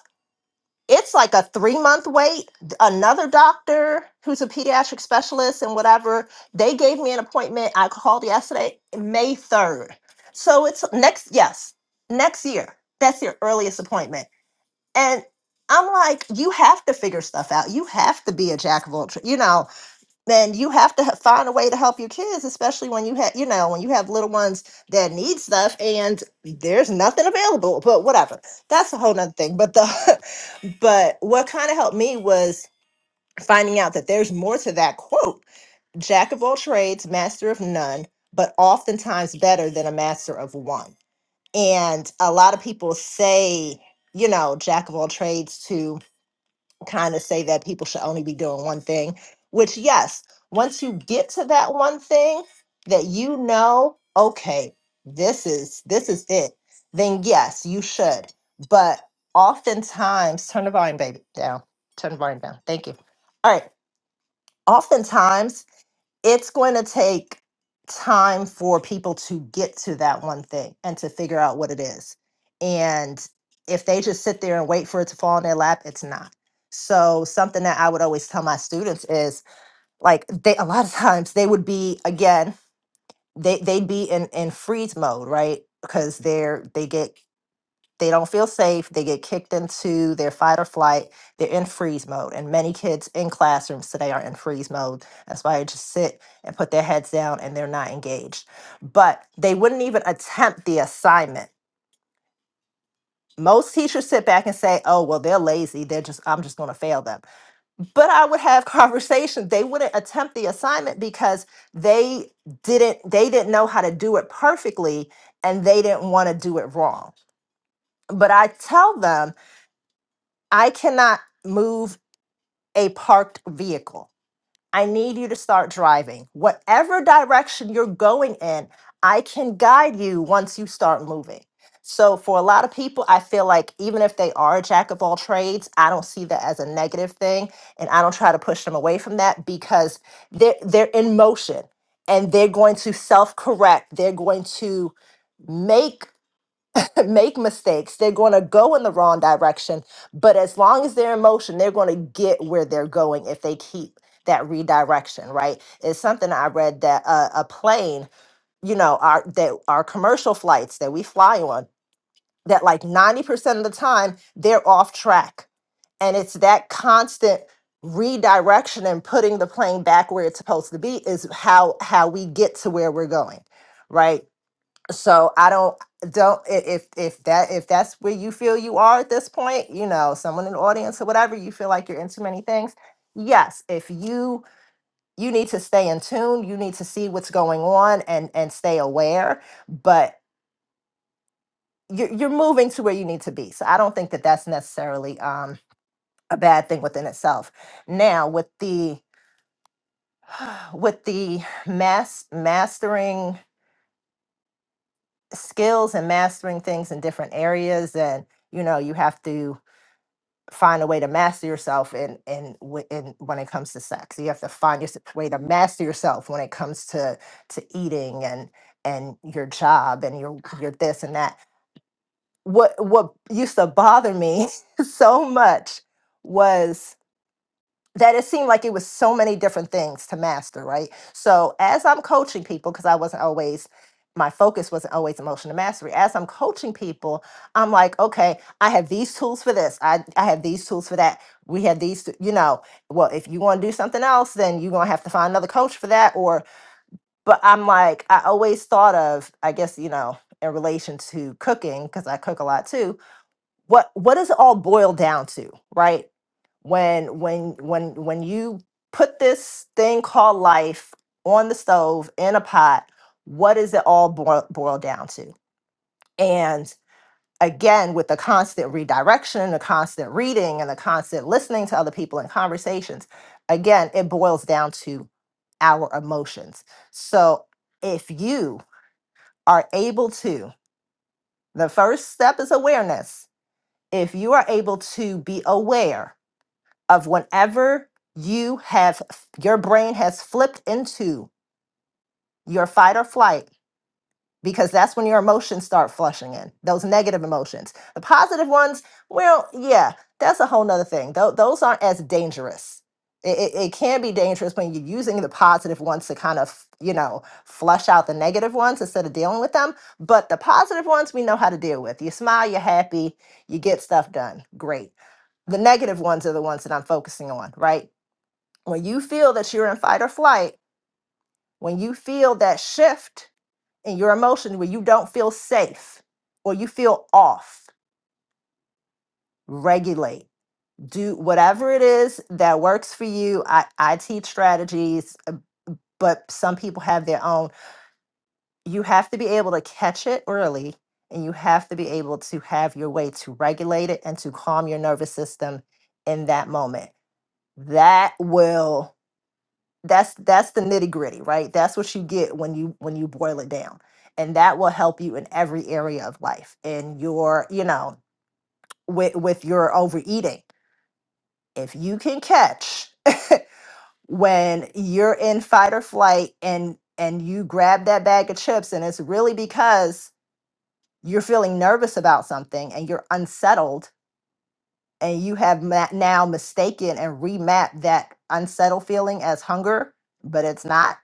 Speaker 6: it's like a three month wait. Another doctor who's a pediatric specialist and whatever, they gave me an appointment. I called yesterday, May 3rd. So it's next, yes, next year. That's your earliest appointment. And I'm like, you have to figure stuff out. You have to be a jack of all, tra- you know then you have to h- find a way to help your kids, especially when you have, you know, when you have little ones that need stuff and there's nothing available. But whatever, that's a whole nother thing. But the, but what kind of helped me was finding out that there's more to that quote: "Jack of all trades, master of none, but oftentimes better than a master of one." And a lot of people say, you know, "Jack of all trades" to kind of say that people should only be doing one thing, which, yes, once you get to that one thing that you know, okay, this is this is it, then yes, you should. But oftentimes, turn the volume, baby, down. Turn the volume down. Thank you. All right. Oftentimes, it's going to take time for people to get to that one thing and to figure out what it is. And if they just sit there and wait for it to fall in their lap, it's not. So something that I would always tell my students is like they a lot of times they would be again, they they'd be in in freeze mode, right? Because they're they get they don't feel safe. They get kicked into their fight or flight. They're in freeze mode. And many kids in classrooms today are in freeze mode. That's why they just sit and put their heads down and they're not engaged. But they wouldn't even attempt the assignment. Most teachers sit back and say, "Oh, well, they're lazy. They're just I'm just going to fail them." But I would have conversations. They wouldn't attempt the assignment because they didn't they didn't know how to do it perfectly and they didn't want to do it wrong. But I tell them I cannot move a parked vehicle. I need you to start driving. Whatever direction you're going in, I can guide you once you start moving. So, for a lot of people, I feel like even if they are a jack of all trades, I don't see that as a negative thing. And I don't try to push them away from that because they're, they're in motion and they're going to self correct. They're going to make make mistakes. They're going to go in the wrong direction. But as long as they're in motion, they're going to get where they're going if they keep that redirection, right? It's something I read that uh, a plane, you know, our that our commercial flights that we fly on, that like 90% of the time they're off track. And it's that constant redirection and putting the plane back where it's supposed to be is how how we get to where we're going, right? so i don't don't i- if if that if that's where you feel you are at this point you know someone in the audience or whatever you feel like you're into many things yes if you you need to stay in tune you need to see what's going on and and stay aware but you're, you're moving to where you need to be so i don't think that that's necessarily um a bad thing within itself now with the with the mass mastering skills and mastering things in different areas and you know you have to find a way to master yourself in in wh- in when it comes to sex. You have to find your way to master yourself when it comes to to eating and and your job and your your this and that. What what used to bother me so much was that it seemed like it was so many different things to master, right? So as I'm coaching people, because I wasn't always my focus wasn't always emotional mastery. As I'm coaching people, I'm like, okay, I have these tools for this. I, I have these tools for that. We have these, t- you know, well, if you want to do something else, then you're going to have to find another coach for that. Or, but I'm like, I always thought of, I guess, you know, in relation to cooking, because I cook a lot too, what what does it all boil down to right when when when when you put this thing called life on the stove in a pot what does it all boil, boil down to and again with the constant redirection the constant reading and the constant listening to other people in conversations again it boils down to our emotions so if you are able to the first step is awareness if you are able to be aware of whenever you have your brain has flipped into your fight or flight because that's when your emotions start flushing in those negative emotions the positive ones well yeah that's a whole nother thing Tho- those aren't as dangerous it, it, it can be dangerous when you're using the positive ones to kind of you know flush out the negative ones instead of dealing with them but the positive ones we know how to deal with you smile you're happy you get stuff done great the negative ones are the ones that I'm focusing on, right? when you feel that you're in fight or flight, when you feel that shift in your emotion where you don't feel safe or you feel off, regulate. Do whatever it is that works for you. I, I teach strategies, but some people have their own. You have to be able to catch it early and you have to be able to have your way to regulate it and to calm your nervous system in that moment. That will that's that's the nitty gritty right that's what you get when you when you boil it down and that will help you in every area of life and your you know with with your overeating if you can catch when you're in fight or flight and and you grab that bag of chips and it's really because you're feeling nervous about something and you're unsettled and you have ma- now mistaken and remapped that unsettled feeling as hunger but it's not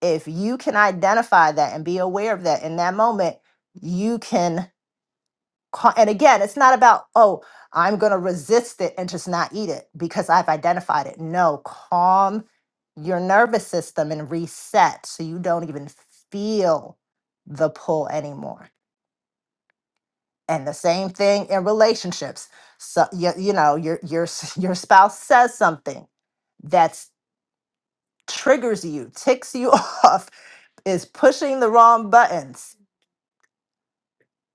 Speaker 6: if you can identify that and be aware of that in that moment, you can. ca- And again, it's not about, oh, I'm going to resist it and just not eat it because I've identified it. No, calm your nervous system and reset so you don't even feel the pull anymore. And the same thing in relationships. So you, you know, your your s- your spouse says something that triggers you, ticks you off, is pushing the wrong buttons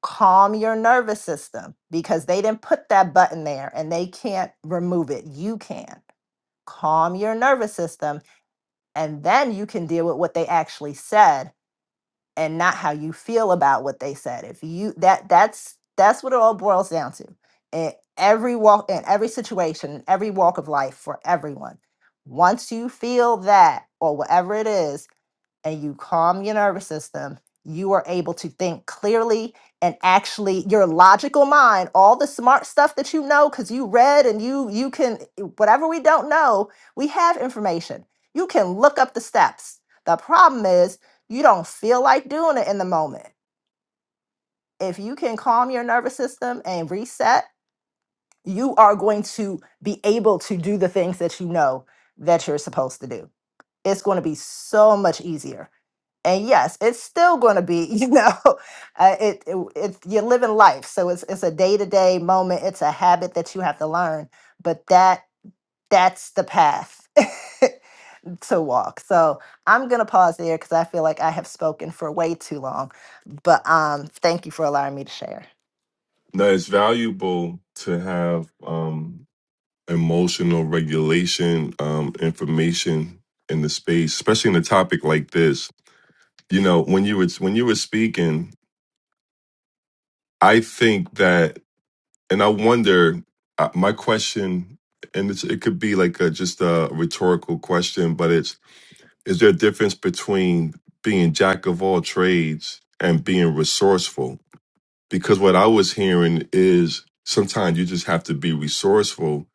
Speaker 6: calm your nervous system because they didn't put that button there and they can't remove it. You can calm your nervous system and then you can deal with what they actually said and not how you feel about what they said. If you that that's that's what it all boils down to. In every walk in every situation, in every walk of life for everyone. Once you feel that or whatever it is, and you calm your nervous system, you are able to think clearly and actually your logical mind, all the smart stuff that you know cuz you read and you you can whatever we don't know, we have information. You can look up the steps. The problem is you don't feel like doing it in the moment. If you can calm your nervous system and reset, you are going to be able to do the things that you know that you're supposed to do. It's going to be so much easier and yes, it's still going to be, you know, uh, it, it it's you're living life, so it's it's a day to day moment. It's a habit that you have to learn, but that that's the path. to walk. So I'm going to pause there because I feel like I have spoken for way too long. But um, thank you for allowing me to share.
Speaker 1: No, it's valuable to have um, emotional regulation um, information in the space, especially in a topic like this. You know, when you were when you were speaking, I think that, and I wonder. Uh, my question, and it's, it could be like a, just a rhetorical question, but it's: Is there a difference between being jack of all trades and being resourceful? Because what I was hearing is sometimes you just have to be resourceful,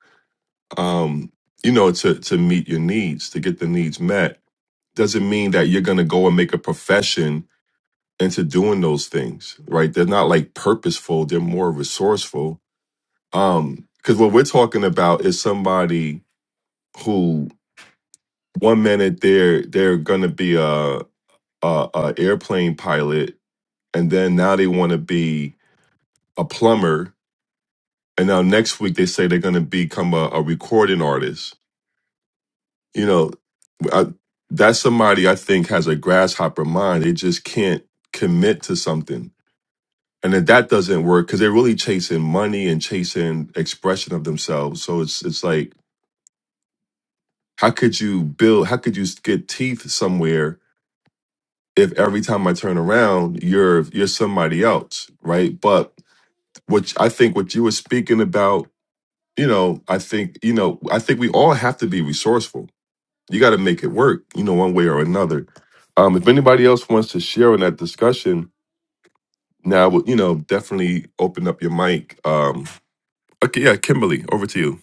Speaker 1: um, you know, to to meet your needs, to get the needs met. Doesn't mean that you're going to go and make a profession into doing those things, right? They're not like purposeful; they're more resourceful um because what we're talking about is somebody who one minute they're they're gonna be a a, a airplane pilot and then now they want to be a plumber and now next week they say they're gonna become a, a recording artist you know I, that's somebody i think has a grasshopper mind they just can't commit to something and if that doesn't work because they're really chasing money and chasing expression of themselves so it's it's like how could you build how could you get teeth somewhere if every time i turn around you're you're somebody else right but which i think what you were speaking about you know i think you know i think we all have to be resourceful you got to make it work you know one way or another um if anybody else wants to share in that discussion now you know definitely open up your mic um okay yeah kimberly over to you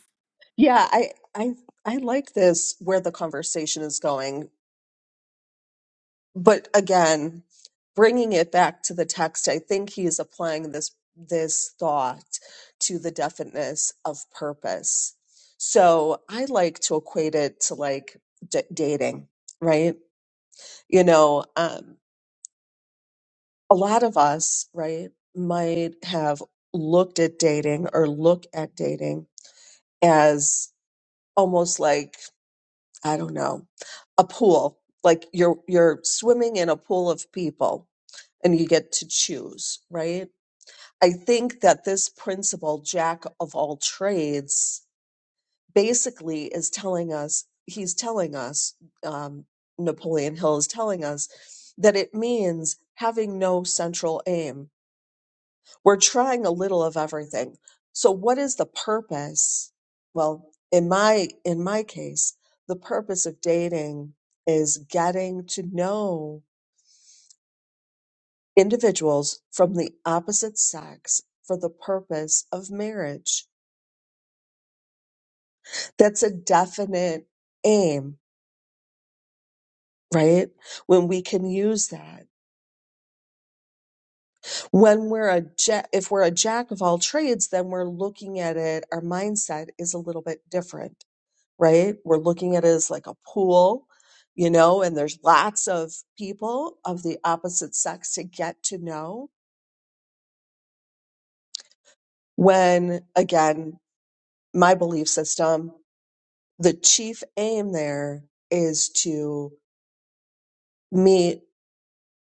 Speaker 7: Yeah, I, I, I like this where the conversation is going but again bringing it back to the text i think he is applying this this thought to the definiteness of purpose so i like to equate it to like d- dating right you know um a lot of us right might have looked at dating or look at dating as almost like I don't know, a pool. Like you're you're swimming in a pool of people and you get to choose, right? I think that this principle, jack of all trades, basically is telling us, he's telling us, um, Napoleon Hill is telling us that it means having no central aim we're trying a little of everything. So what is the purpose? Well, in my in my case, the purpose of dating is getting to know individuals from the opposite sex for the purpose of marriage. That's a definite aim, right? When we can use that. When we're a ja- if we're a jack of all trades, then we're looking at it, our mindset is a little bit different right? We're looking at it as like a pool, you know, and there's lots of people of the opposite sex to get to know. When again, my belief system, the chief aim there is to meet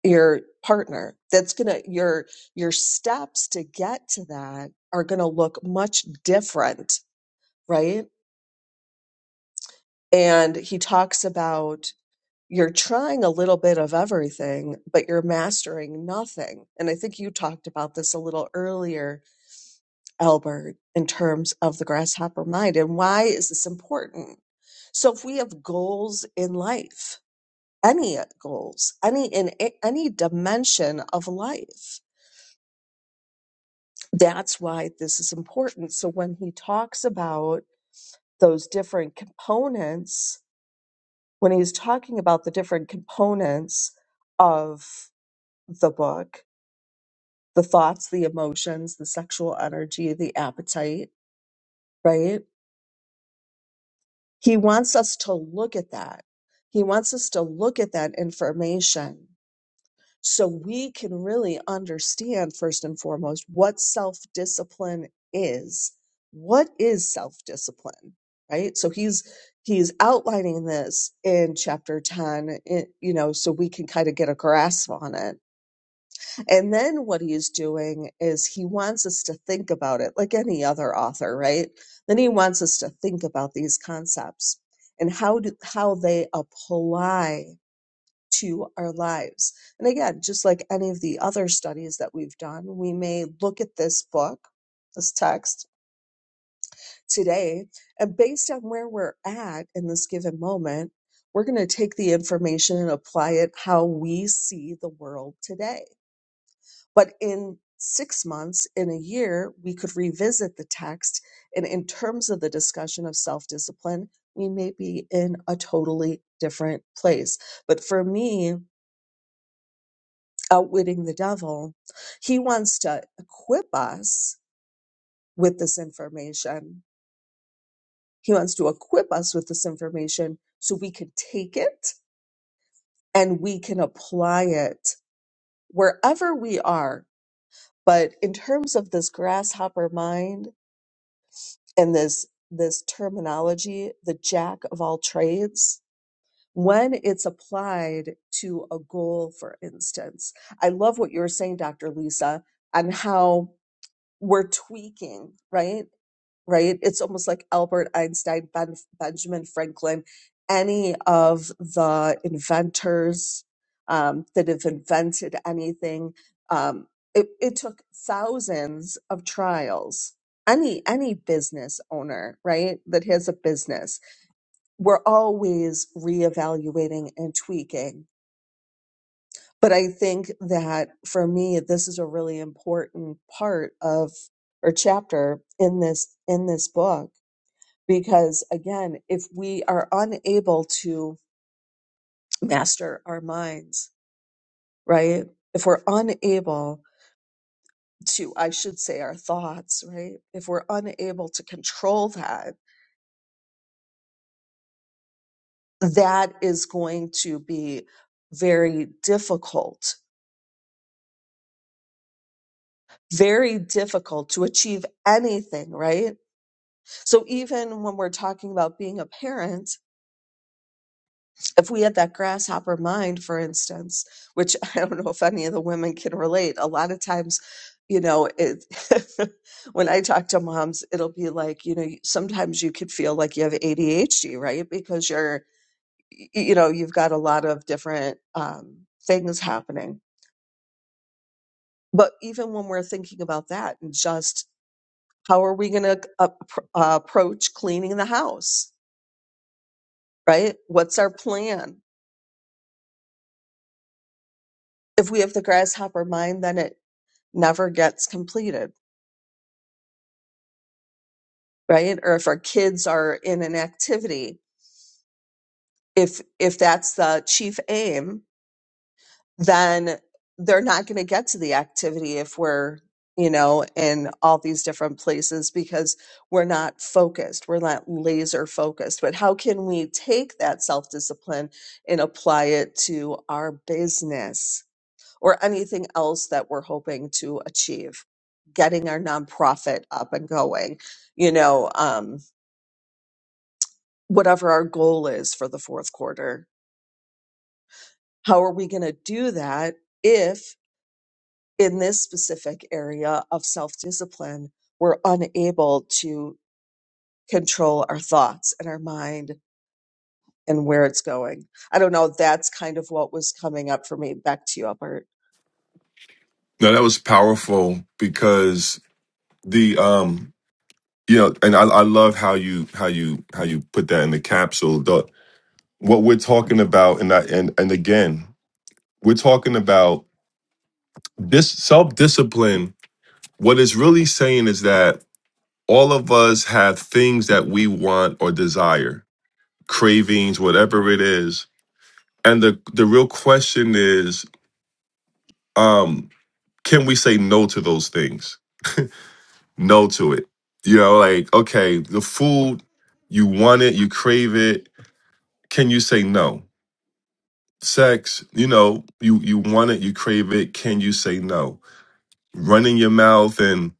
Speaker 7: your partner. That's going to, your, your steps to get to that are going to look much different, right? And he talks about you're trying a little bit of everything, but you're mastering nothing. And I think you talked about this a little earlier, Albert, in terms of the grasshopper mind. And why is this important? So if we have goals in life, any goals, any in a- any dimension of life, that's why this is important. So when he talks about those different components, when he's talking about the different components of the book, the thoughts, the emotions, the sexual energy, the appetite, right? He wants us to look at that. He wants us to look at that information so we can really understand, first and foremost, what self discipline is. What is self discipline, right? So he's he's outlining this in chapter 10 it- you know so we can kind of get a grasp on it And then what he's doing is he wants us to think about it like any other author, right? Then he wants us to think about these concepts and how do, how they apply to our lives. And again, just like any of the other studies that we've done, we may look at this book, this text today, and based on where we're at in this given moment, we're going to take the information and apply it how we see the world today but in six months, in a year, we could revisit the text. And in terms of the discussion of self discipline, we may be in a totally different place. But for me, outwitting the devil, he wants to equip us with this information. He wants to equip us with this information so we can take it and we can apply it wherever we are. But in terms of this grasshopper mind, and this this terminology the jack of all trades when it's applied to a goal for instance i love what you were saying dr lisa on how we're tweaking right right? It's almost like Albert Einstein, ben, Benjamin Franklin, any of the inventors um, that have invented anything. Um, it, it took thousands of trials. Any any business owner, right, that has a business, we're always reevaluating and tweaking. But I think that for me, this is a really important part of or chapter in this in this book because again if we are unable to master our minds right if we're unable to i should say our thoughts right if we're unable to control that that is going to be very difficult very difficult to achieve anything right so even when we're talking about being a parent if we had that grasshopper mind, for instance, which I don't know if any of the women can relate, a lot of times, you know, it, when I talk to moms, it'll be like, you know, sometimes you could feel like you have ADHD, right? Because you're, y- you know, you've got a lot of different um, things happening. But even when we're thinking about that and just how are we going to uh, pr- uh, approach cleaning the house, right? What's our plan? If we have the grasshopper mind, then it never gets completed, right? Or if our kids are in an activity, if if that's the chief aim, then they're not going to get to the activity if we're, you know, in all these different places because we're not focused. We're not laser focused. But how can we take that self-discipline and apply it to our business or anything else that we're hoping to achieve? Getting our nonprofit up and going, you know, um, whatever our goal is for the fourth quarter. How are we going to do that if, in this specific area of self discipline, we're unable to control our thoughts and our mind and where it's going? I don't know. That's kind of what was coming up for me. Back to you, Albert.
Speaker 1: no that was powerful because the um you know and I, I love how you how you how you put that in the capsule the what we're talking about and I, and and again we're talking about this self-discipline what it's really saying is that all of us have things that we want or desire cravings whatever it is and the the real question is um can we say no to those things no to it you know like okay the food you want it you crave it can you say no sex, you know, you you want it, you crave it. Can you say no? Running your mouth and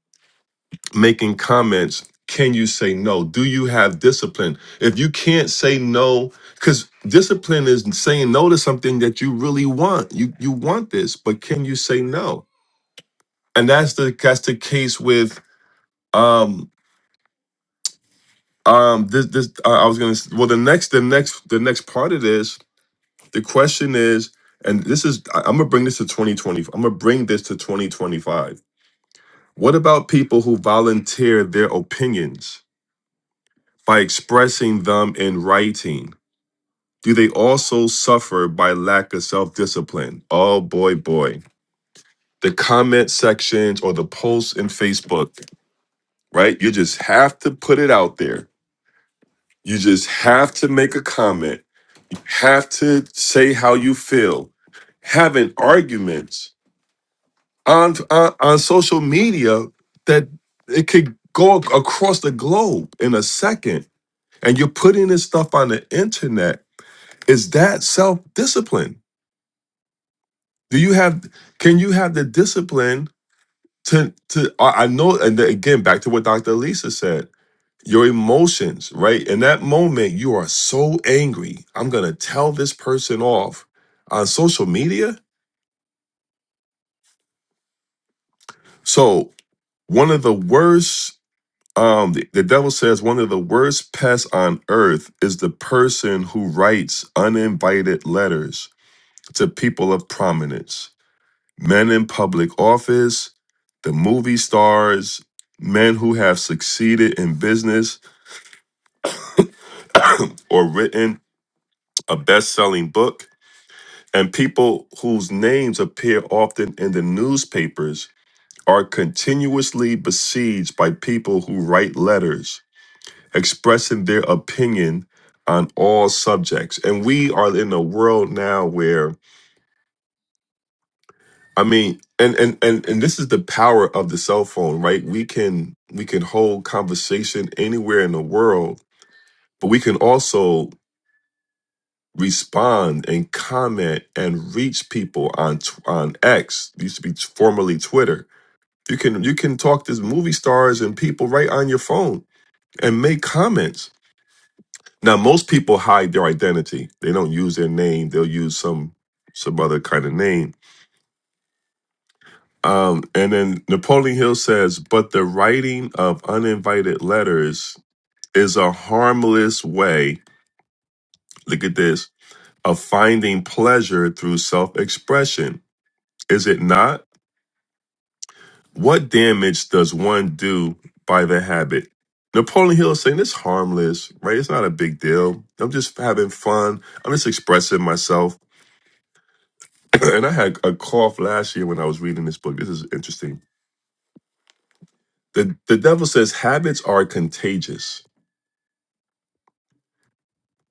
Speaker 1: making comments. Can you say no? Do you have discipline? If you can't say no, because discipline is saying no to something that you really want. You you want this, but can you say no? And that's the that's the case with um um this this I I was gonna s- well the next the next the next part of this The question is, and this is, I- I'm gonna bring this to 2020. I'm gonna bring this to 2025. What about people who volunteer their opinions by expressing them in writing? Do they also suffer by lack of self discipline? Oh boy, boy. The comment sections or the posts in Facebook, right? You just have to put it out there. You just have to make a comment, have to say how you feel, having arguments on on, on social media that it could go ac- across the globe in a second and you're putting this stuff on the internet is that self-discipline do you have can you have the discipline to to i I know and then again back to what dr lisa said your emotions right in that moment you are so angry i'm gonna tell this person off on social media so one of the worst Um, the, the devil says one of the worst pests on earth is the person who writes uninvited letters to people of prominence, men in public office, the movie stars, men who have succeeded in business or written a best selling book, and people whose names appear often in the newspapers are continuously besieged by people who write letters expressing their opinion on all subjects. And we are in a world now where I mean, and and and and this is the power of the cell phone, right? We can we can hold conversation anywhere in the world, but we can also respond and comment and reach people on tw- on X. It used to be formerly Twitter. You can you can talk to movie stars and people right on your phone and make comments Now, most people hide their identity. They don't use their name. They'll use some some other kind of name. Um, and then Napoleon Hill says, "But the writing of uninvited letters is a harmless way. Look at this of finding pleasure through self-expression. Is it not? What damage does one do by the habit?" Napoleon Hill is saying it's harmless, right? It's not a big deal. I'm just having fun. I'm just expressing myself and I had a cough last year when I was reading this book. This is interesting. The the devil says habits are contagious.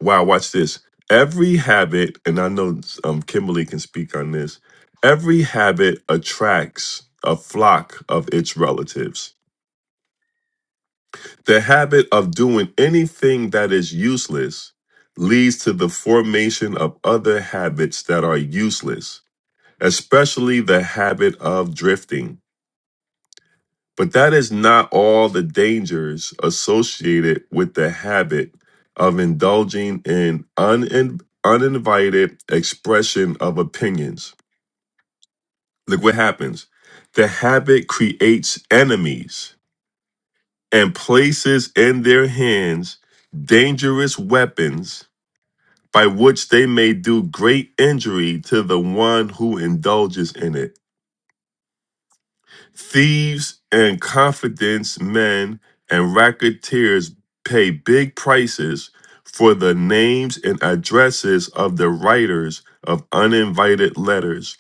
Speaker 1: Wow, watch this. Every habit, and I know um, Kimberly can speak on this. Every habit attracts a flock of its relatives. The habit of doing anything that is useless leads to the formation of other habits that are useless, especially the habit of drifting. But that is not all the dangers associated with the habit of indulging in unin- uninvited expression of opinions. Look what happens. The habit creates enemies and places in their hands dangerous weapons by which they may do great injury to the one who indulges in it. Thieves and confidence men and racketeers pay big prices for the names and addresses of the writers of uninvited letters.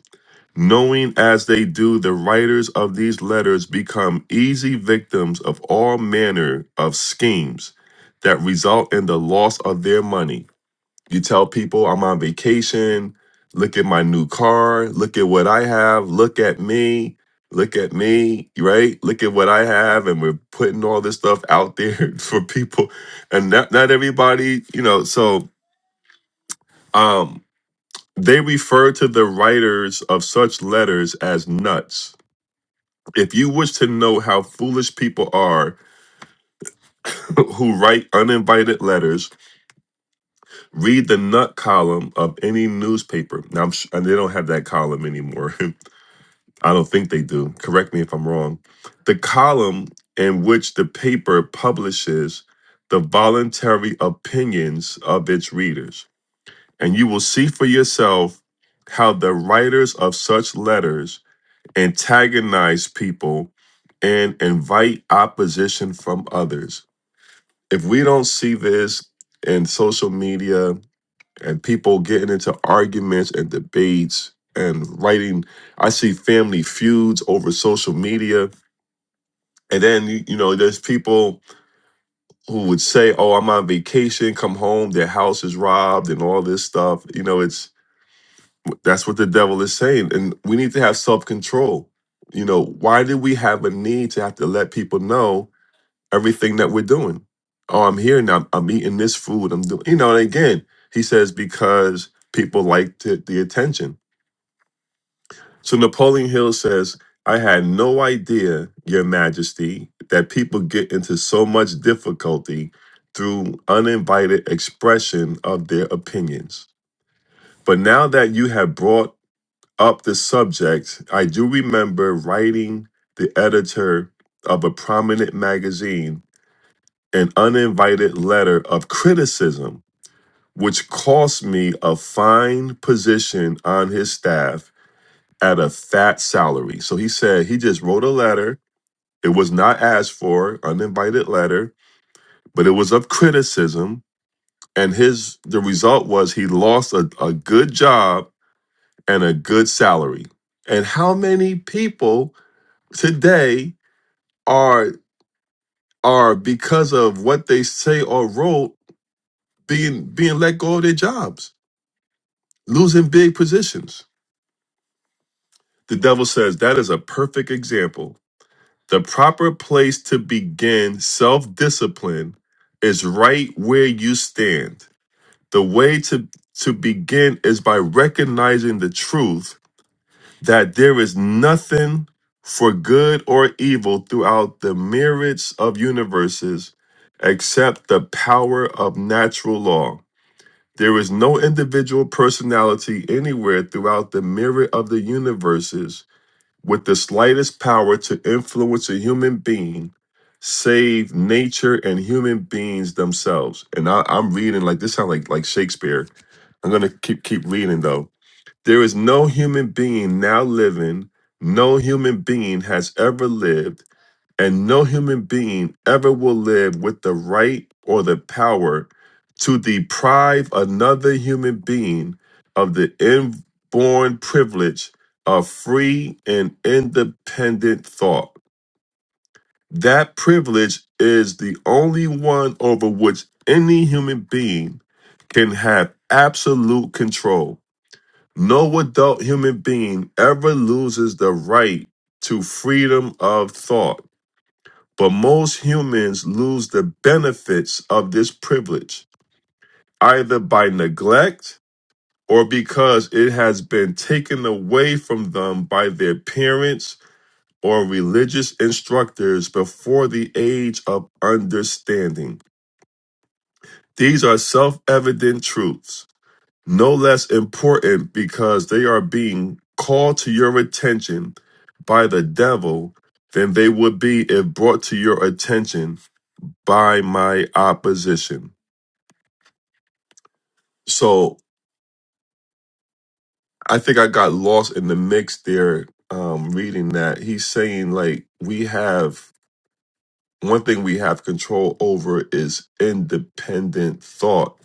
Speaker 1: Knowing as they do, the writers of these letters become easy victims of all manner of schemes that result in the loss of their money. You tell people I'm on vacation. Look at my new car. Look at what I have. Look at me. Look at me, right? Look at what I have. And we're putting all this stuff out there for people. And not, not everybody, you know, so um, they refer to the writers of such letters as nuts. If you wish to know how foolish people are who write uninvited letters, read the nut column of any newspaper. Now, I'm sh- and they don't have that column anymore. I don't think they do. Correct me if I'm wrong. The column in which the paper publishes the voluntary opinions of its readers. And you will see for yourself how the writers of such letters antagonize people and invite opposition from others. If we don't see this in social media, and people getting into arguments and debates and writing. I see family feuds over social media. And then, you you know, there's people who would say, oh, I'm on vacation, come home, their house is robbed and all this stuff. You know, it's that's what the devil is saying. And we need to have self control. You know, why do we have a need to have to let people know everything that we're doing? Oh, I'm here now. I'm eating this food. I'm doing, you know, and again, he says, because people like to, the attention So Napoleon Hill says, I had no idea, Your Majesty, that people get into so much difficulty through uninvited expression of their opinions. But now that you have brought up the subject, I do remember writing the editor of a prominent magazine an uninvited letter of criticism, which cost me a fine position on his staff at a fat salary. So he said he just wrote a letter. It was not asked for, uninvited letter, but it was of criticism. And his the result was he lost a, a good job and a good salary. And how many people today are are because of what they say or wrote being being let go of their jobs, losing big positions? The devil says that is a perfect example The proper place to begin self discipline is right where you stand. The way to, to begin is by recognizing the truth that there is nothing for good or evil throughout the myriads of universes except the power of natural law. There is no individual personality anywhere throughout the myriad of the universes with the slightest power to influence a human being save nature and human beings themselves and I, i'm reading like this sounds like like shakespeare i'm gonna keep keep reading though there is no human being now living no human being has ever lived and no human being ever will live with the right or the power to deprive another human being of the inborn privilege of free and independent thought. That privilege is the only one over which any human being can have absolute control. No adult human being ever loses the right to freedom of thought but most humans lose the benefits of this privilege, either by neglect or because it has been taken away from them by their parents or religious instructors before the age of understanding. These are self evident truths, no less important because they are being called to your attention by the devil than they would be if brought to your attention by my opposition. So I think I got lost in the mix there um, reading that. He's saying, like, we have one thing we have control over is independent thought.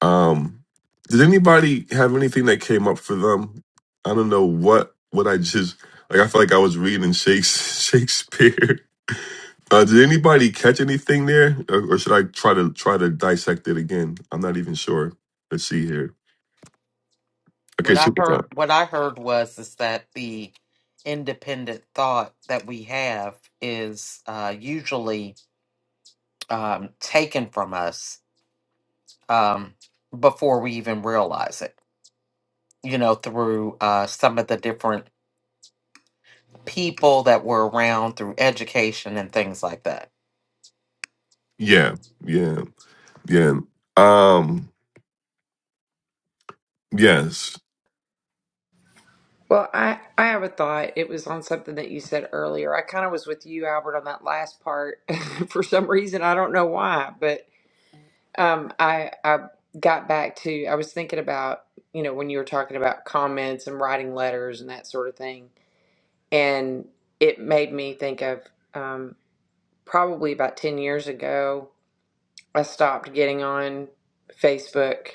Speaker 1: Um, did anybody have anything that came up for them? I don't know what what I just like. I feel like I was reading Shakes- Shakespeare. Uh, did anybody catch anything there, or, or should I try to try to dissect it again? I'm not even sure. Let's see here. Okay,
Speaker 2: What I
Speaker 1: super.
Speaker 2: heard what I heard was is that the independent thought that we have is uh, usually um, taken from us um, before we even realize it. You know, through uh, some of the different people that were around through education and things like that.
Speaker 1: Yeah, yeah, yeah. Um, yes,
Speaker 3: Well, I, I have a thought. It was on something that you said earlier. I kind of was with you, Albert, on that last part. For some reason, I don't know why, but um, I I got back to I was thinking about you know when you were talking about comments and writing letters and that sort of thing, and it made me think of um, probably about ten years ago. I stopped getting on Facebook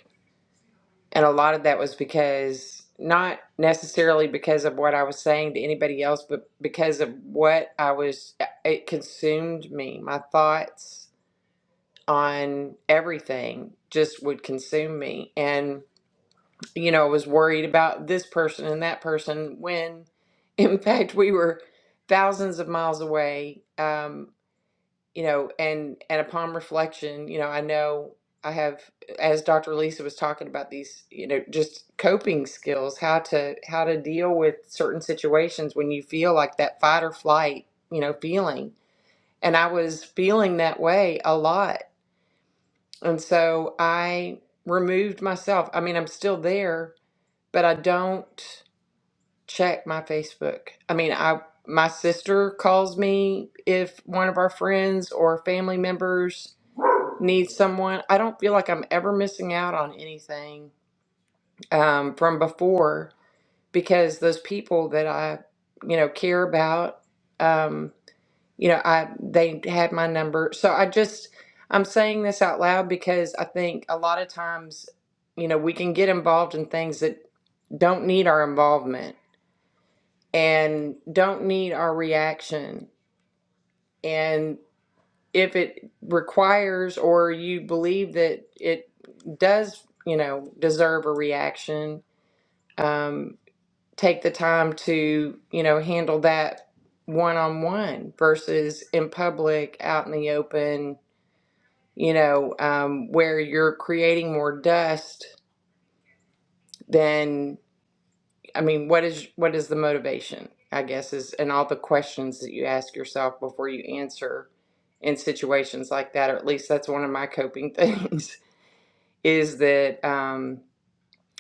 Speaker 3: And a lot of that was because, not necessarily because of what I was saying to anybody else, but because of what I was, uh, it consumed me. My thoughts on everything just would consume me. And, you know, I was worried about this person and that person when, in fact, we were thousands of miles away. Um, you know and and upon reflection you know i know i have as dr lisa was talking about these you know just coping skills how to how to deal with certain situations when you feel like that fight or flight you know feeling and i was feeling that way a lot and so i removed myself i mean i'm still there but i don't check my facebook i mean i my sister calls me if one of our friends or family members need someone. I don't feel like I'm ever missing out on anything um, from before because those people that I, you know, care about, um, you know, I they had my number. So I just I'm saying this out loud because I think a lot of times, you know, we can get involved in things that don't need our involvement and don't need our reaction and. if it requires or you believe that it does, you know, deserve a reaction, um, take the time to, you know, handle that one on one versus in public, out in the open, you know, um, where you're creating more dust than, I mean, what is what is the motivation? I guess is and all the questions that you ask yourself before you answer in situations like that, or at least that's one of my coping things. is that um,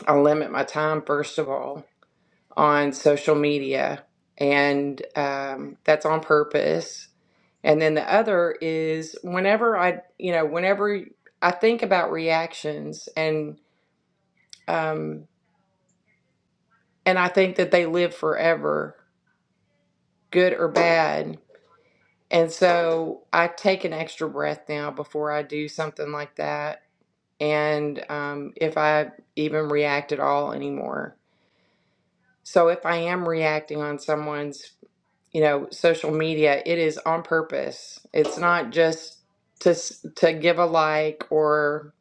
Speaker 3: I limit my time, first of all, on social media, and um, that's on purpose. And then the other is whenever I, you know, whenever I think about reactions and um, and I think that they live forever, good or bad. And so I take an extra breath now before I do something like that. And um, if I even react at all anymore. So if I am reacting on someone's, you know, social media, it is on purpose. It's not just to to give a like or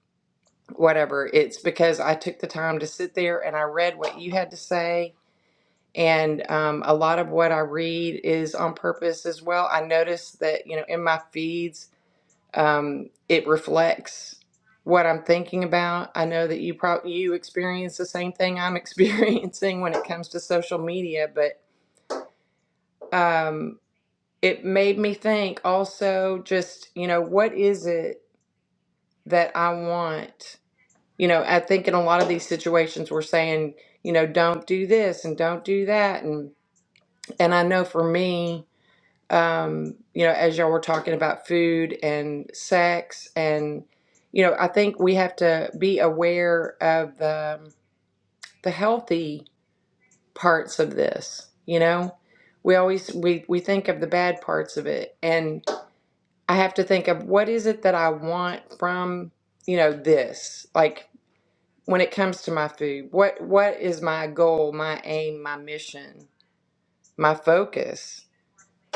Speaker 3: whatever. It's because I took the time to sit there and I read what you had to say. And um, a lot of what I read is on purpose as well. I noticed that, you know, in my feeds, um, it reflects what I'm thinking about. I know that you probably you experience the same thing I'm experiencing when it comes to social media, but um, it made me think also just, you know, what is it that I want? You know, I think in a lot of these situations we're saying, you know, don't do this and don't do that. And and I know for me, um, you know, as y'all were talking about food and sex and you know, I think we have to be aware of the the healthy parts of this, you know? We always we we think of the bad parts of it. And I have to think of what is it that I want from, you know, this? Like when it comes to my food, what what is my goal, my aim, my mission, my focus?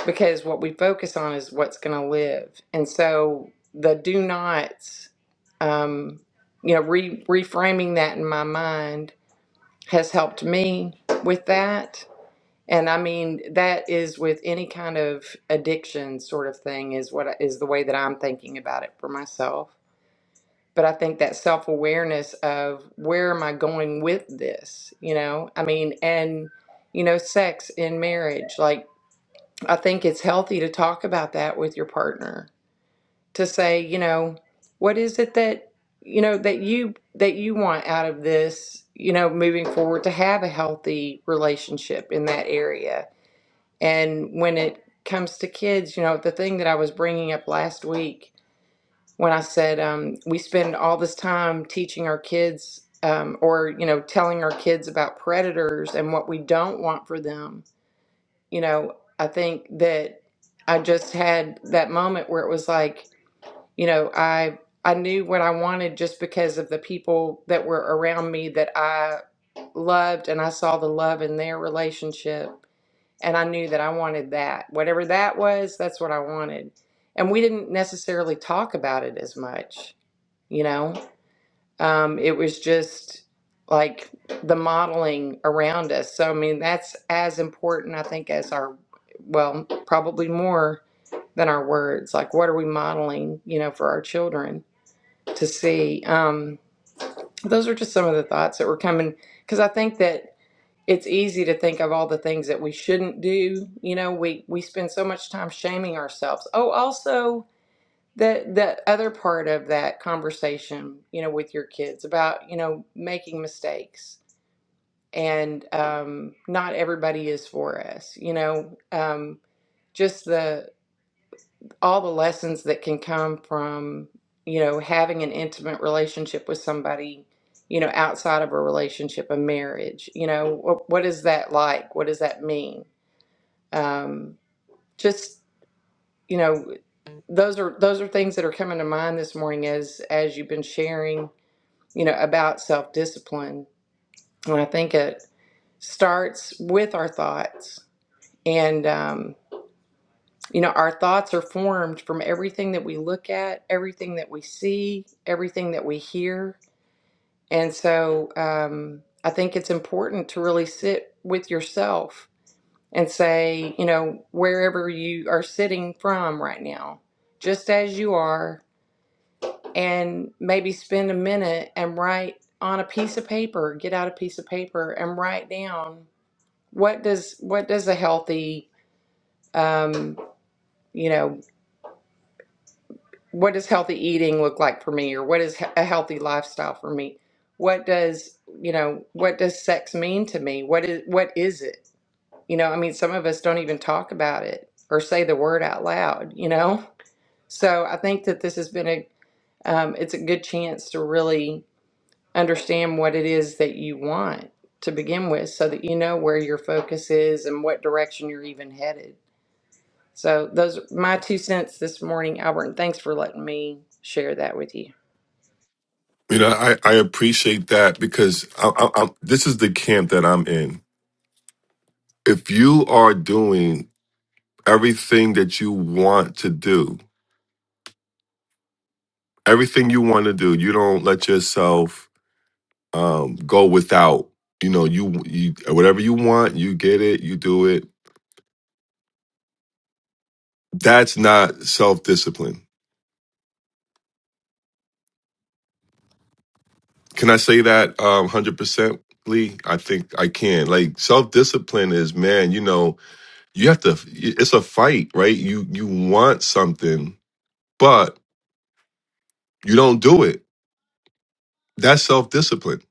Speaker 3: Because what we focus on is what's going to live. And so the do nots, um, you know, re- reframing that in my mind has helped me with that. And I mean, that is with any kind of addiction sort of thing is what I- is the way that I'm thinking about it for myself. But I think that self-awareness of where am I going with this, you know? I mean, and you know, sex in marriage, like I think it's healthy to talk about that with your partner to say, you know, what is it that you know that you that you want out of this, you know, moving forward to have a healthy relationship in that area and when it comes to kids, you know, the thing that I was bringing up last week when I said um, we spend all this time teaching our kids um, or, you know, telling our kids about predators and what we don't want for them, you know, I think that I just had that moment where it was like, you know, I. I knew what I wanted just because of the people that were around me that I loved, and I saw the love in their relationship and I knew that I wanted that. Whatever that was, that's what I wanted. And we didn't necessarily talk about it as much, you know? Um, it was just like the modeling around us. So, I mean, that's as important, I think, as our, well, probably more than our words. Like, what are we modeling, you know, for our children to see? Um, those are just some of the thoughts that were coming. Because I think that it's easy to think of all the things that we shouldn't do. You know, we we spend so much time shaming ourselves. Oh, also the the other part of that conversation, you know, with your kids about you know making mistakes and um, not everybody is for us. You know, um, just the all the lessons that can come from you know having an intimate relationship with somebody you know outside of a relationship a marriage you know what, what is that like what does that mean um, just you know those are those are things that are coming to mind this morning as as you've been sharing you know about self-discipline and i think it starts with our thoughts and um, you know our thoughts are formed from everything that we look at everything that we see everything that we hear and so um, i think it's important to really sit with yourself and say, you know, wherever you are sitting from right now, just as you are, and maybe spend a minute and write on a piece of paper, get out a piece of paper and write down what does what does a healthy um, you know, what does healthy eating look like for me or what is he- a healthy lifestyle for me? What does, you know, what does sex mean to me? What is what is it? You know, I mean some of us don't even talk about it or say the word out loud, you know? So I think that this has been a um, it's a good chance to really understand what it is that you want to begin with, so that you know where your focus is and what direction you're even headed. So those are my two cents this morning, Albert, and thanks for letting me share that with you.
Speaker 1: you know, I I appreciate that because I, I, I, this is the camp that I'm in. If you are doing everything that you want to do, everything you want to do, you don't let yourself um go without. You know, you you whatever you want, you get it, you do it. That's not self discipline. Can I say that um hundred percent? Lee, I think I can. Like self discipline is, man. You know, you have to it's a fight right you you want something but you don't do it that's self-discipline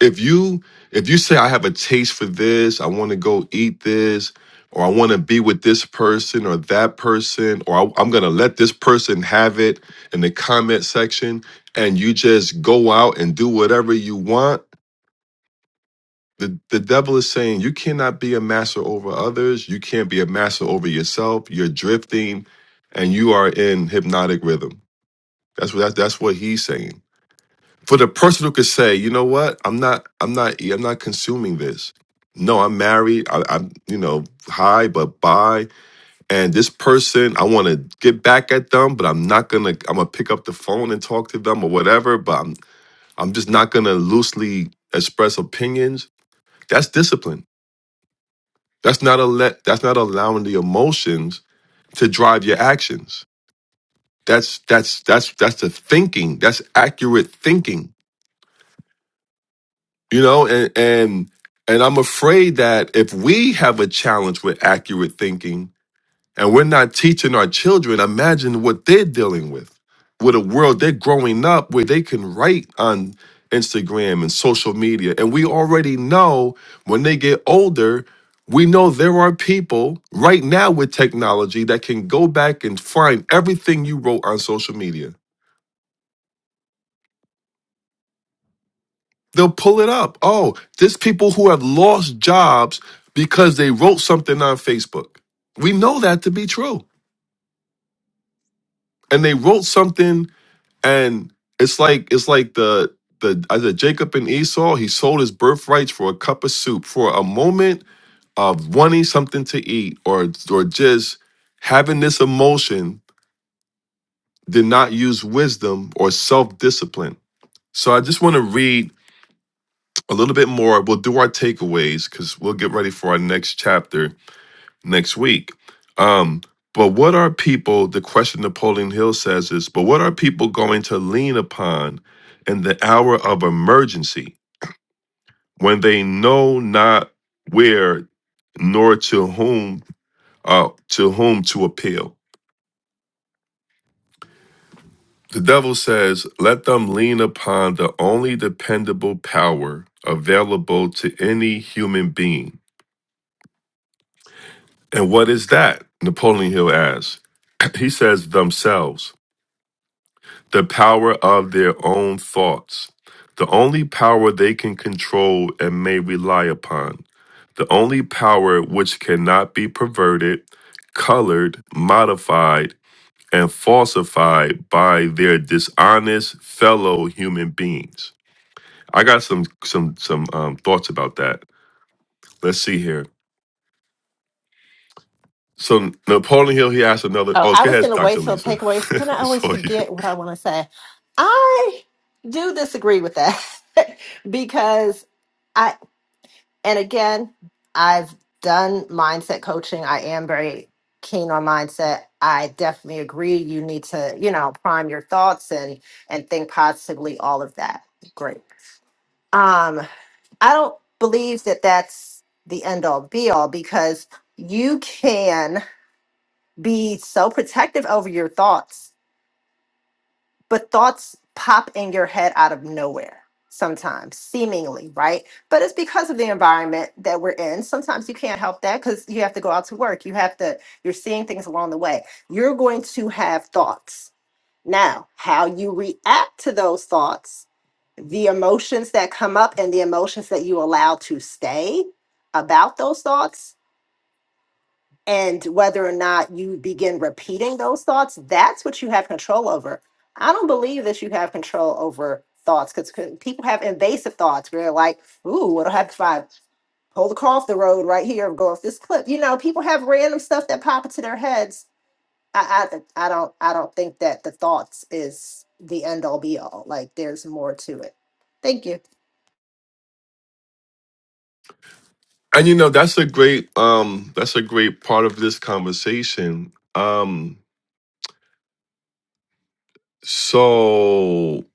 Speaker 1: if you if you say i have a taste for this i want to go eat this or i want to be with this person or that person or I, i'm going to let this person have it in the comment section and you just go out and do whatever you want The, the devil is saying you cannot be a master over others. You can't be a master over yourself. You're drifting and you are in hypnotic rhythm. That's what that, that's what he's saying. For the person who could say, you know what, I'm not, I'm not, I'm not consuming this. No, I'm married. I, I'm, you know, high but bye. And this person, I want to get back at them, but I'm not gonna. I'm gonna pick up the phone and talk to them or whatever. But I'm, I'm just not gonna loosely express opinions. That's discipline That's not a let. That's not allowing the emotions to drive your actions. That's that's that's that's the thinking. That's accurate thinking. You know, and and and I'm afraid that if we have a challenge with accurate thinking, and we're not teaching our children, imagine what they're dealing with, with a world they're growing up where they can write on Instagram and social media. And we already know when they get older, we know there are people right now with technology that can go back and find everything you wrote on social media. They'll pull it up. Oh, there's people who have lost jobs because they wrote something on Facebook. We know that to be true. And they wrote something and it's like it's like the the I said Jacob and Esau. He sold his birthrights for a cup of soup, for a moment of wanting something to eat, or or just having this emotion. Did not use wisdom or self discipline. So I just want to read a little bit more. We'll do our takeaways because we'll get ready for our next chapter next week. Um, but what are people, the question Napoleon Hill says is, but what are people going to lean upon in the hour of emergency when they know not where nor to whom uh, to whom to appeal? The devil says, let them lean upon the only dependable power available to any human being. And what is that? Napoleon Hill asks. He says, themselves. the power of their own thoughts, the only power they can control and may rely upon, the only power which cannot be perverted, colored, modified, and falsified by their dishonest fellow human beings. I got some some some um, thoughts about that. Let's see here. So Napoleon Hill, he asked another.
Speaker 6: Oh,
Speaker 1: Oh,
Speaker 6: I
Speaker 1: go
Speaker 6: was going
Speaker 1: ahead,
Speaker 6: to
Speaker 1: Doctor
Speaker 6: wait till
Speaker 1: Lisa.
Speaker 6: takeaways, but then I
Speaker 1: I
Speaker 6: always
Speaker 1: saw you.
Speaker 6: forget what I want to say. I do disagree with that because I, and again, I've done mindset coaching. I am very keen on mindset. I definitely agree. You need to, you know, prime your thoughts and and think positively. All of that, great. Um, I don't believe that that's the end all be all because you can be so protective over your thoughts but thoughts pop in your head out of nowhere sometimes seemingly right but it's because of the environment that we're in sometimes you can't help that because you have to go out to work you have to you're seeing things along the way you're going to have thoughts now how you react to those thoughts the emotions that come up and the emotions that you allow to stay about those thoughts and whether or not you begin repeating those thoughts that's what you have control over i don't believe that you have control over thoughts because people have invasive thoughts where they're like ooh what will happen if i pull the car off the road right here and go off this cliff you know people have random stuff that pop into their heads i i, I don't i don't think that the thoughts is the end all be all like there's more to it thank you
Speaker 1: And you know, that's a great um that's a great part of this conversation. Um so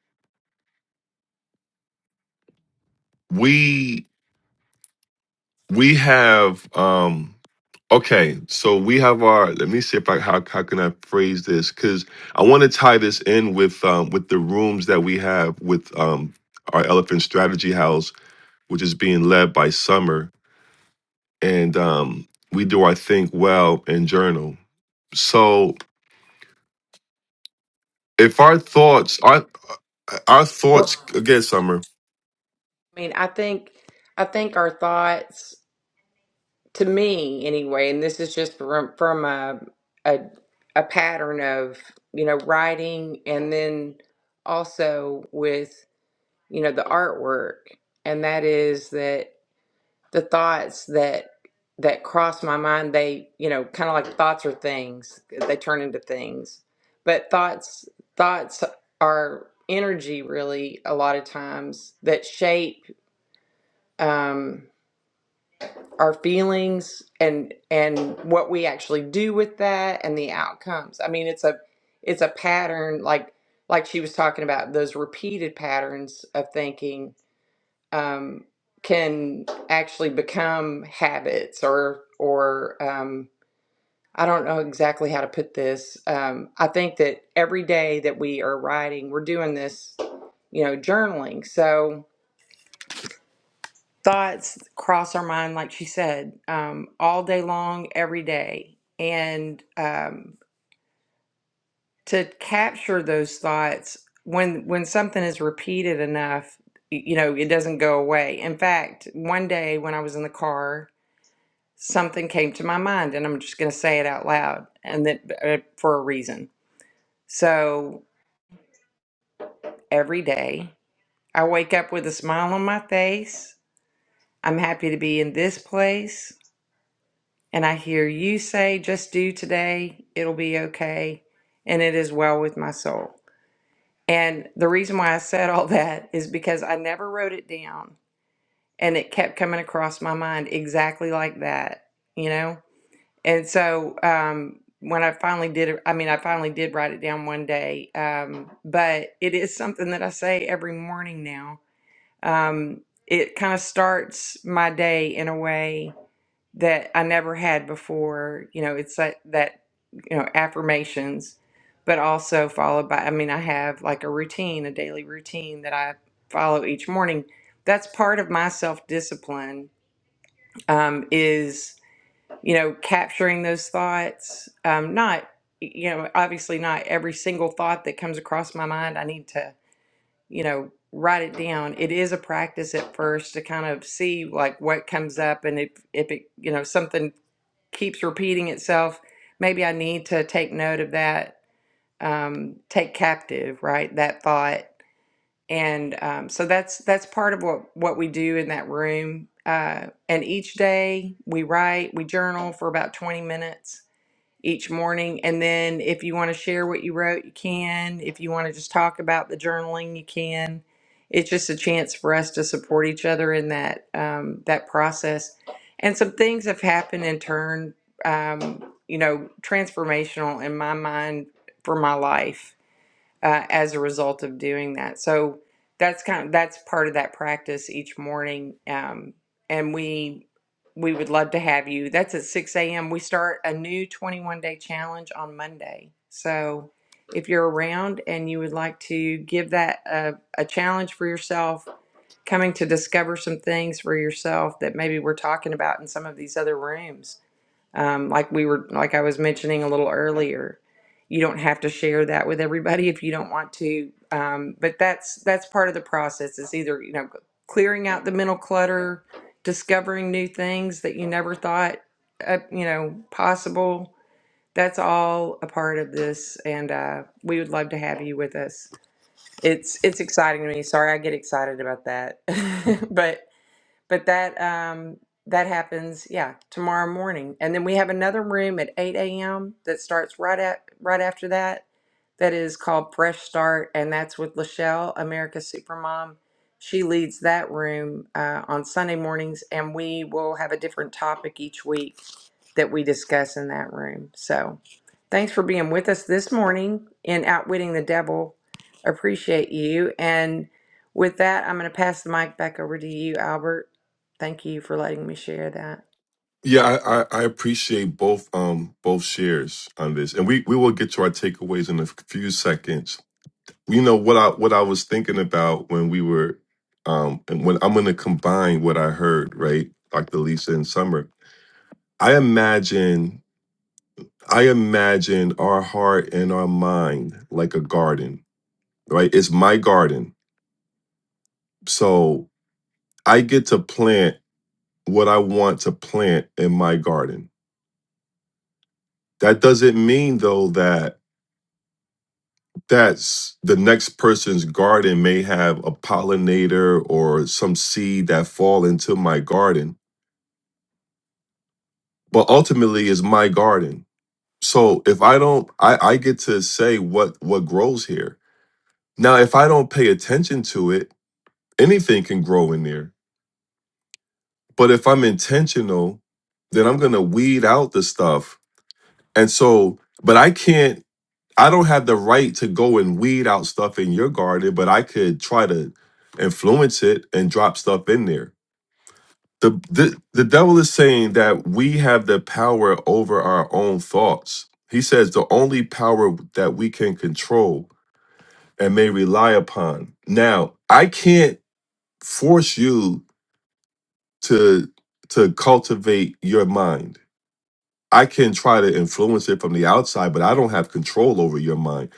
Speaker 1: we we have um okay, so we have our let me see if I how how can I phrase this cuz I want to tie this in with um with the rooms that we have with um our elephant strategy house which is being led by Summer and um we do our think well and journal. So if our thoughts, our Our thoughts
Speaker 3: Well,
Speaker 1: again, Summer.
Speaker 3: I mean, I think I think our thoughts, to me anyway, and this is just from from a a, a pattern of you know writing and then also with you know, the artwork, and that is that the thoughts that that cross my mind, they, you know, kind of like thoughts are things, they turn into things. But thoughts thoughts are energy really a lot of times that shape um our feelings and and what we actually do with that and the outcomes. I mean, it's a it's a pattern like like she was talking about those repeated patterns of thinking um, can actually become habits or or um, I don't know exactly how to put this. Um, I think that every day that we are writing, we're doing this, you know, journaling. So thoughts cross our mind, like she said, um, all day long, every day, and um, to capture those thoughts when when something is repeated enough, y- you know, it doesn't go away. In fact, one day when I was in the car something came to my mind and I'm just going to say it out loud and that uh, for a reason. So every day I wake up with a smile on my face. I'm happy to be in this place and I hear you say just do today, it'll be okay and it is well with my soul. And the reason why I said all that is because I never wrote it down and it kept coming across my mind exactly like that, you know? And so um, when I finally did it, I mean, I finally did write it down one day, um, but it is something that I say every morning now. Um, it kind of starts my day in a way that I never had before. You know, it's that, that, you know, affirmations, but also followed by, I mean, I have like a routine, a daily routine that I follow each morning. That's part of my self discipline um, is you know, capturing those thoughts. Um, not, you know, obviously not every single thought that comes across my mind. I need to, you know, write it down. It is a practice at first to kind of see like what comes up, and if if it, you know, something keeps repeating itself, maybe I need to take note of that. Um, take captive, right? That thought. And um, so that's that's part of what what we do in that room. Uh, and each day we write, we journal for about 20 minutes each morning. And then if you want to share what you wrote, you can. If you want to just talk about the journaling, you can. It's just a chance for us to support each other in that um, that process. And some things have happened in turn, um, you know, transformational in my mind for my life uh, as a result of doing that. So that's kind of that's part of that practice each morning. Um, and we we would love to have you. That's at six a.m. We start a new twenty-one day challenge on Monday. So if you're around and you would like to give that a, a challenge for yourself, coming to discover some things for yourself that maybe we're talking about in some of these other rooms um, like we were, like I was mentioning a little earlier, you don't have to share that with everybody if you don't want to. Um, but that's that's part of the process. Is either you know clearing out the mental clutter, discovering new things that you never thought uh, you know possible. That's all a part of this, and uh, we would love to have you with us. It's it's exciting to me. Sorry, I get excited about that, but but that um, that happens yeah tomorrow morning and then we have another room at 8 a.m that starts right at right after that that is called fresh start and that's with lachelle america's supermom she leads that room uh, on sunday mornings and we will have a different topic each week that we discuss in that room. So thanks for being with us this morning in Outwitting the Devil. Appreciate you. And with that, I'm going to pass the mic back over to you, Albert. Thank you for letting me share that.
Speaker 1: Yeah, I, I, I appreciate both um both shares on this, and we we will get to our takeaways in a few seconds. You know what I what I was thinking about when we were um and when I'm going to combine what I heard right, Dr. Lisa and Summer. I imagine I imagine our heart and our mind like a garden, right? It's my garden, so I get to plant what I want to plant in my garden That doesn't mean though that that's the next person's garden may have a pollinator or some seed that fall into my garden, but ultimately is my garden. So if I don't, I, I get to say what what grows here. Now, if I don't pay attention to it, anything can grow in there. But if I'm intentional, then I'm gonna weed out the stuff. And so, but I can't I don't have the right to go and weed out stuff in your garden, but I could try to influence it and drop stuff in there. The, the the devil is saying that we have the power over our own thoughts. He says the only power that we can control and may rely upon. Now, I can't force you to to cultivate your mind. I can try to influence it from the outside, but I don't have control over your mind.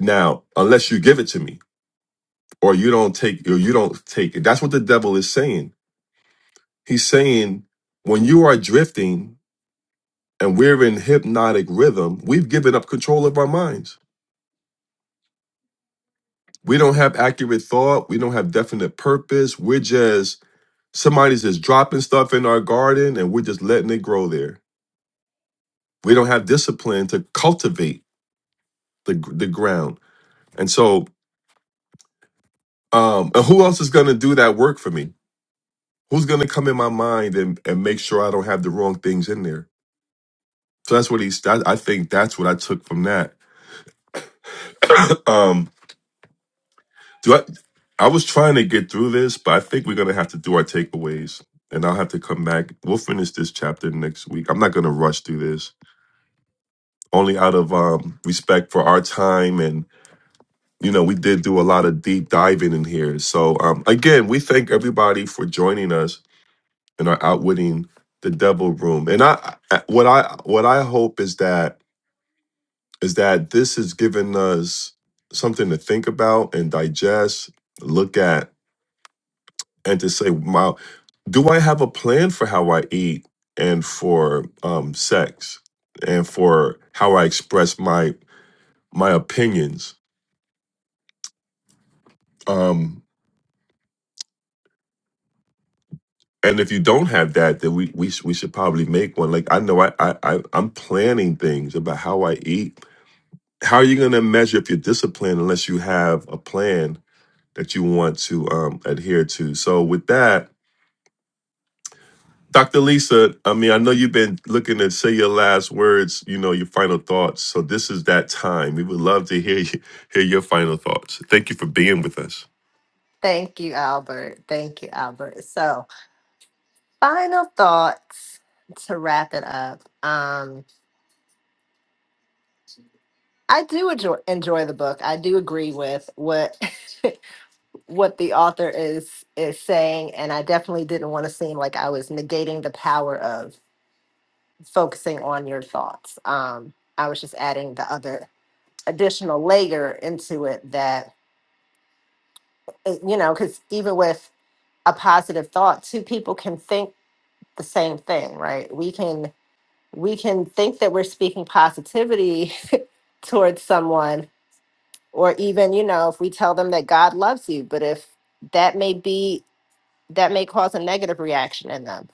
Speaker 1: Now, unless you give it to me. or you don't take or you don't take it. That's what the devil is saying. He's saying when you are drifting and we're in hypnotic rhythm, we've given up control of our minds. We don't have accurate thought, we don't have definite purpose. We're just somebody's just dropping stuff in our garden and we're just letting it grow there. We don't have discipline to cultivate the the ground. And so um and who else is going to do that work for me? Who's going to come in my mind and and make sure I don't have the wrong things in there? So that's what he's. That, I think that's what I took from that. Um, do I? I was trying to get through this, but I think we're gonna have to do our takeaways, and I'll have to come back. We'll finish this chapter next week. I'm not gonna rush through this, only out of um, respect for our time, and you know we did do a lot of deep diving in here. So um, again, we thank everybody for joining us in our outwitting the devil room, and I I- what I what I hope is that is that this has given us something to think about and digest, look at, and to say, wow, do I have a plan for how I eat and for um, sex and for how I express my my opinions? Um, and if you don't have that, then we we, sh- we should probably make one. Like I know I, I I I'm planning things about how I eat. How are you going to measure if you're disciplined unless you have a plan that you want to um, adhere to? So with that, Dr. Lisa, I mean, I know you've been looking to say your last words, you know, your final thoughts. So this is that time. We would love to hear you, hear your final thoughts. Thank you for being with us.
Speaker 6: Thank you, Albert. Thank you, Albert. So, final thoughts to wrap it up. Um. I do enjoy, enjoy the book. I do agree with what what the author is is saying, and I definitely didn't want to seem like I was negating the power of focusing on your thoughts. Um, I was just adding the other additional layer into it that uh, you know, because even with a positive thought, two people can think the same thing, right? We can we can think that we're speaking positivity towards someone or even you know if we tell them that god loves you but if that may be that may cause a negative reaction in them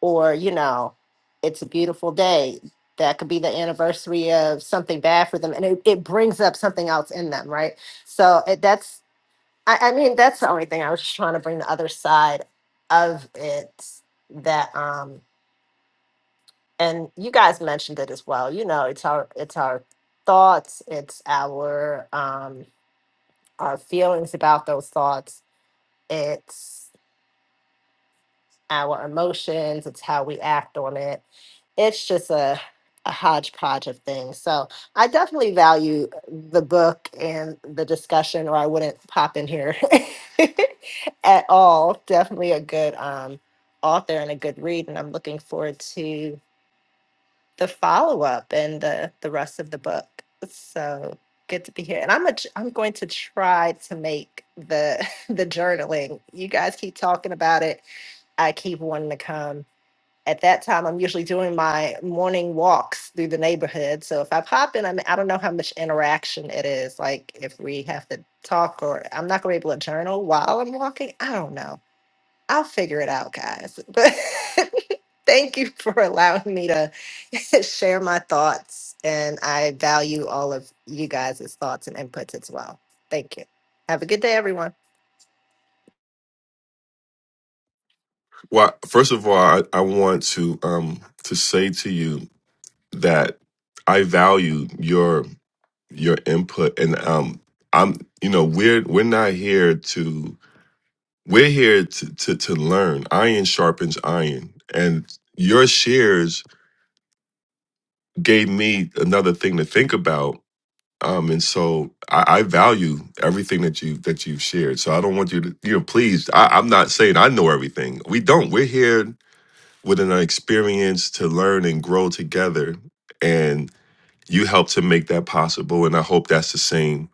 Speaker 6: or you know it's a beautiful day that could be the anniversary of something bad for them and it, it brings up something else in them right so it, that's I, I mean that's the only thing i was just trying to bring the other side of it that um and you guys mentioned it as well you know it's our it's our thoughts it's our um our feelings about those thoughts. It's our emotions. It's how we act on it. It's just a, a hodgepodge of things. So I definitely value the book and the discussion, or I wouldn't pop in here at all. Definitely a good um, author and a good read. And I'm looking forward to the follow up and the the rest of the book. So good to be here, and I'm a, I'm going to try to make the the journaling. You guys keep talking about it. I keep wanting to come. At that time, I'm usually doing my morning walks through the neighborhood. So if I pop in, I, mean, I don't know how much interaction it is. Like if we have to talk, or I'm not going to be able to journal while I'm walking. I don't know. I'll figure it out, guys. But thank you for allowing me to share my thoughts. And I value all of you guys' thoughts and inputs as well. Thank you. Have a good day, everyone.
Speaker 1: Well, first of all, I, I want to um to say to you that I value your your input and um I'm you know, we're we're not here to we're here to to, to learn. Iron sharpens iron. And your shares gave me another thing to think about Um, and so I, I value everything that you that you've shared. So I don't want you to, you know, please. I, I'm not saying I know everything. We don't. We're here with an experience to learn and grow together, and you help to make that possible. And I hope that's the same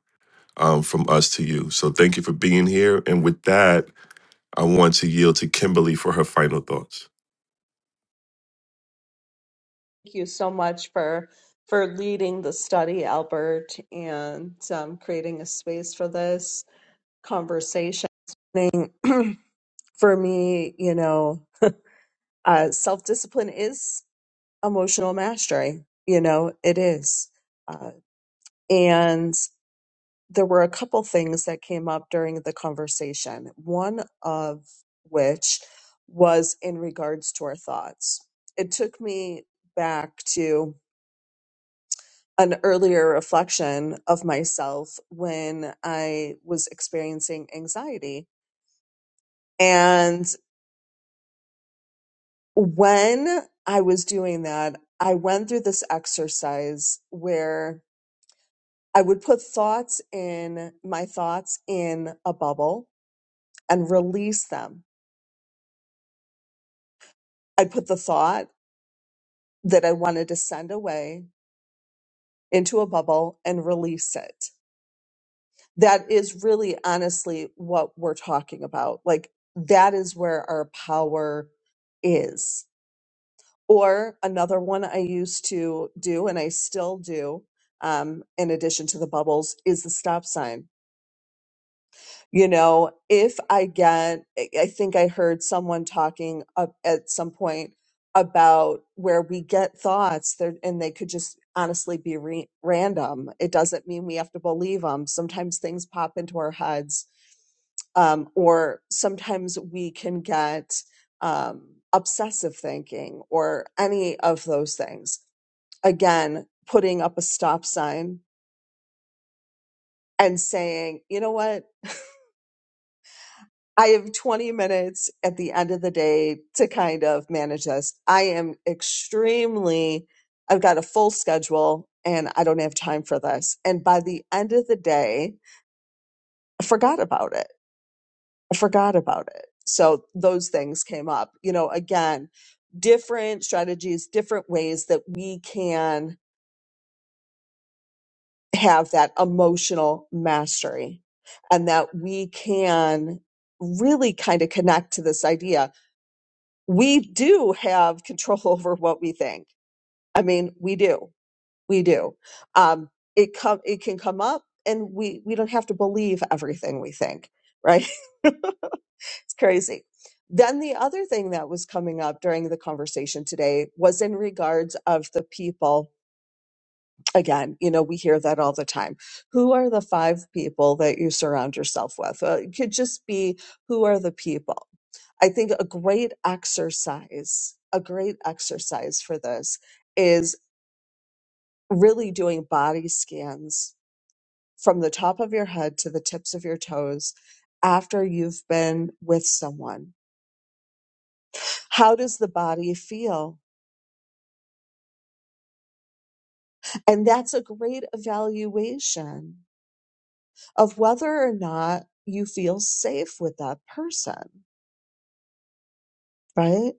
Speaker 1: um, from us to you. So thank you for being here. And with that, I want to yield to Kimberly for her final thoughts.
Speaker 7: Thank you so much for. For leading the study, Albert, and um, creating a space for this conversation. For me, you know, uh, self discipline is emotional mastery. You know, it is. Uh, and there were a couple things that came up during the conversation, one of which was in regards to our thoughts. It took me back to an earlier reflection of myself when I was experiencing anxiety. And when I was doing that, I went through this exercise where I would put thoughts in my thoughts in a bubble and release them. I'd put the thought that I wanted to send away into a bubble and release it. That is really honestly what we're talking about. Like that is where our power is. Or another one I used to do and I still do, um, in addition to the bubbles, is the stop sign you know if i get i I think i heard someone talking up at some point about where we get thoughts there and they could just honestly be re- random it doesn't mean we have to believe them sometimes things pop into our heads um, or sometimes we can get um, obsessive thinking or any of those things again putting up a stop sign and saying you know what I have 20 minutes at the end of the day to kind of manage this. I am extremely, I've got a full schedule and I don't have time for this. And by the end of the day, I forgot about it. I forgot about it. So those things came up. You know, again, different strategies, different ways that we can have that emotional mastery and that we can really kind of connect to this idea we do have control over what we think. I mean, we do, we do. Um, it come, it can come up, and we we don't have to believe everything we think, right? it's crazy. Then the other thing that was coming up during the conversation today was in regards of the people again, you know, we hear that all the time. Who are the five people that you surround yourself with? Uh, it could just be who are the people. I think a great exercise, a great exercise for this is really doing body scans from the top of your head to the tips of your toes after you've been with someone. How does the body feel? And that's a great evaluation of whether or not you feel safe with that person, right?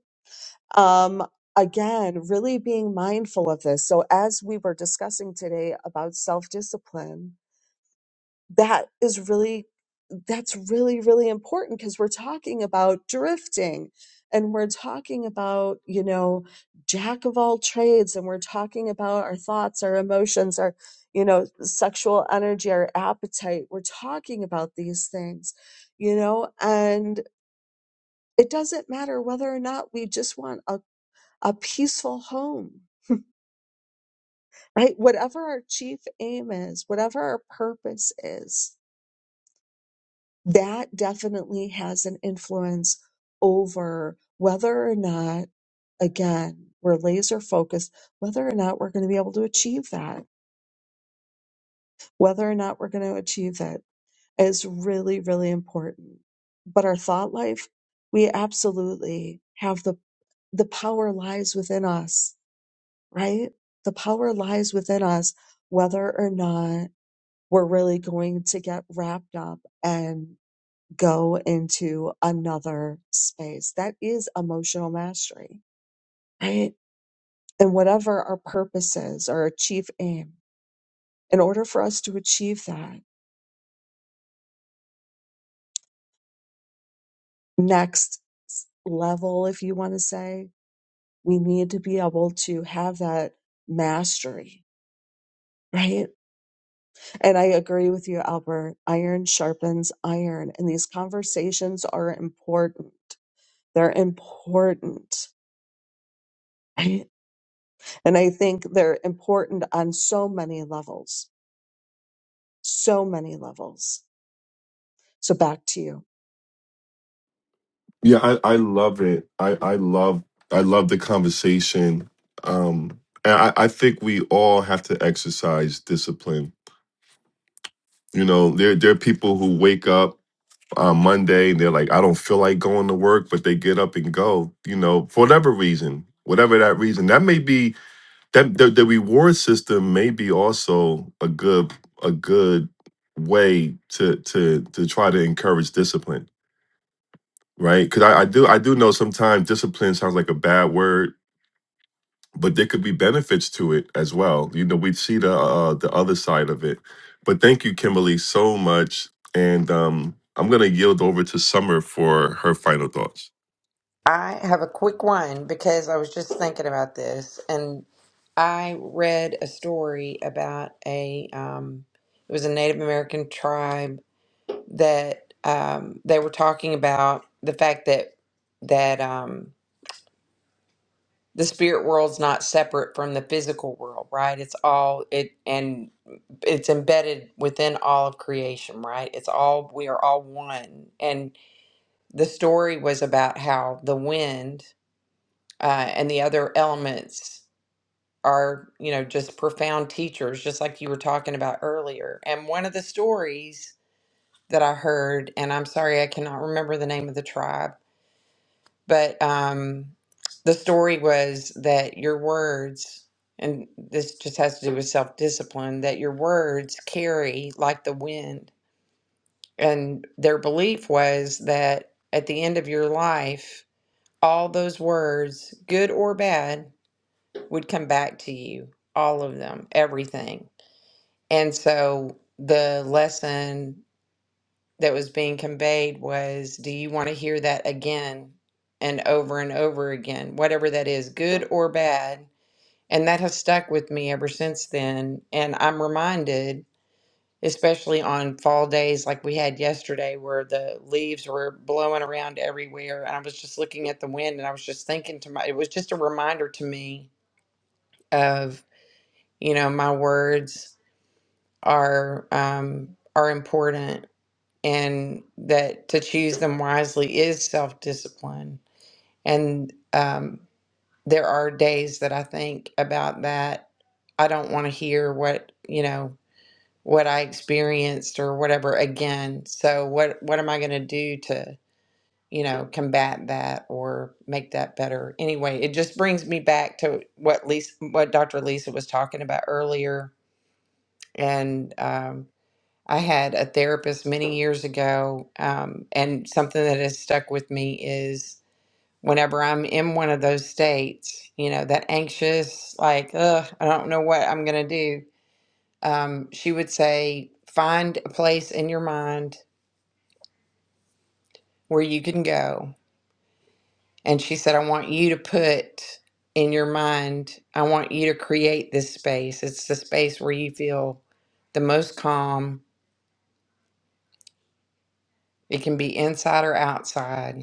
Speaker 7: Um, again, really being mindful of this. So, as we were discussing today about self discipline, that is really that's really really important because we're talking about drifting and we're talking about you know jack of all trades and we're talking about our thoughts our emotions our you know sexual energy our appetite we're talking about these things you know and it doesn't matter whether or not we just want a, a peaceful home right whatever our chief aim is whatever our purpose is that definitely has an influence over whether or not, again, we're laser focused, whether or not we're going to be able to achieve that, whether or not we're going to achieve that is really, really important. But our thought life, we absolutely have the, the power lies within us, right? The power lies within us, whether or not we're really going to get wrapped up and. go into another space. That is emotional mastery, right? And whatever our purpose is or our chief aim, in order for us to achieve that next level, if you want to say, we need to be able to have that mastery, right? And I agree with you, Albert. Iron sharpens iron, and these conversations are important. They're important, right? And I think they're important on so many levels so many levels. So back to you.
Speaker 1: Yeah, I, I love it. I, I love I love the conversation. Um and I, I think we all have to exercise discipline. You know, there there are people who wake up on Monday and they're like, I don't feel like going to work, but they get up and go, you know, for whatever reason. Whatever that reason. That may be that the, the reward system may be also a good a good way to to to try to encourage discipline right? Because I, I do I do know sometimes discipline sounds like a bad word, but there could be benefits to it as well. You know, we see the uh, the other side of it. But thank you, Kimberly, so much, and um, I'm gonna yield over to Summer for her final thoughts.
Speaker 3: I have a quick one because I was just thinking about this, and I read a story about a um, it was a Native American tribe that um, they were talking about the fact that that um, the spirit world's not separate from the physical world, right? It's all it and it's embedded within all of creation, right? It's all we are all one. And the story was about how the wind uh, and the other elements are, you know, just profound teachers, just like you were talking about earlier. And one of the stories that I heard, and I'm sorry I cannot remember the name of the tribe But um, the story was that your words, and this just has to do with self discipline, that your words carry like the wind. And their belief was that at the end of your life, all those words, good or bad, would come back to you. All of them, everything. And so the lesson that was being conveyed was do you want to hear that again and over and over again whatever that is good or bad and that has stuck with me ever since then and i'm reminded especially on fall days like we had yesterday where the leaves were blowing around everywhere and i was just looking at the wind and i was just thinking to my it was just a reminder to me of you know my words are um are important and that to choose them wisely is self discipline. And um, there are days that I think about that. I don't want to hear what you know what I experienced or whatever again. So what what am I going to do to you know combat that or make that better? Anyway, it just brings me back to what Lisa, what Dr. Lisa was talking about earlier, and um, I had a therapist many years ago, um, and something that has stuck with me is whenever I'm in one of those states, you know, that anxious, like, ugh, I don't know what I'm going to do. Um, she would say, find a place in your mind where you can go. And she said, I want you to put in your mind, I want you to create this space. It's the space where you feel the most calm. It can be inside or outside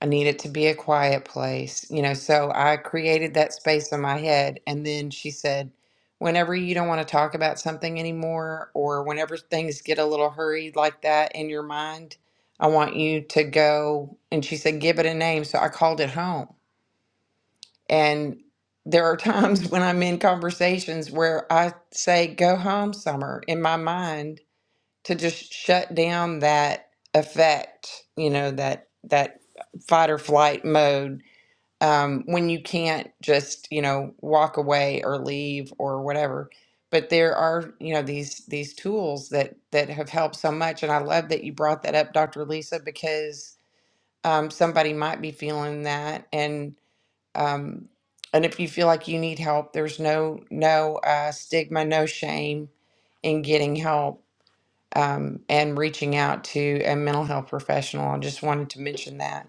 Speaker 3: I need it to be a quiet place, you know. So I created that space in my head. And then she said, whenever you don't want to talk about something anymore, or whenever things get a little hurried like that in your mind, I want you to go. And she said, give it a name. So I called it home. And there are times when I'm in conversations where I say, go home, Summer, in my mind to just shut down that effect, you know, that, that fight or flight mode um, when you can't just you know walk away or leave or whatever but there are you know these these tools that that have helped so much and i love that you brought that up dr lisa because um, somebody might be feeling that and um, and if you feel like you need help there's no no uh, stigma no shame in getting help um, and reaching out to a mental health professional i just wanted to mention that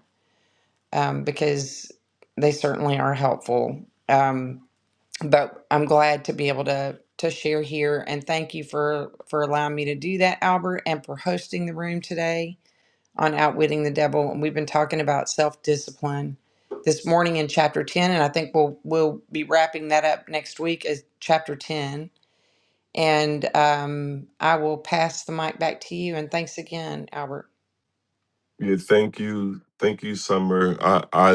Speaker 3: um, because they certainly are helpful. Um, but I'm glad to be able to to share here, and thank you for for allowing me to do that, Albert, and for hosting the room today on outwitting the devil. And we've been talking about self discipline this morning in chapter ten, and I think we'll we'll be wrapping that up next week as chapter ten. And um, I will pass the mic back to you. And thanks again, Albert.
Speaker 1: Yeah, thank you, thank you, Summer. I, I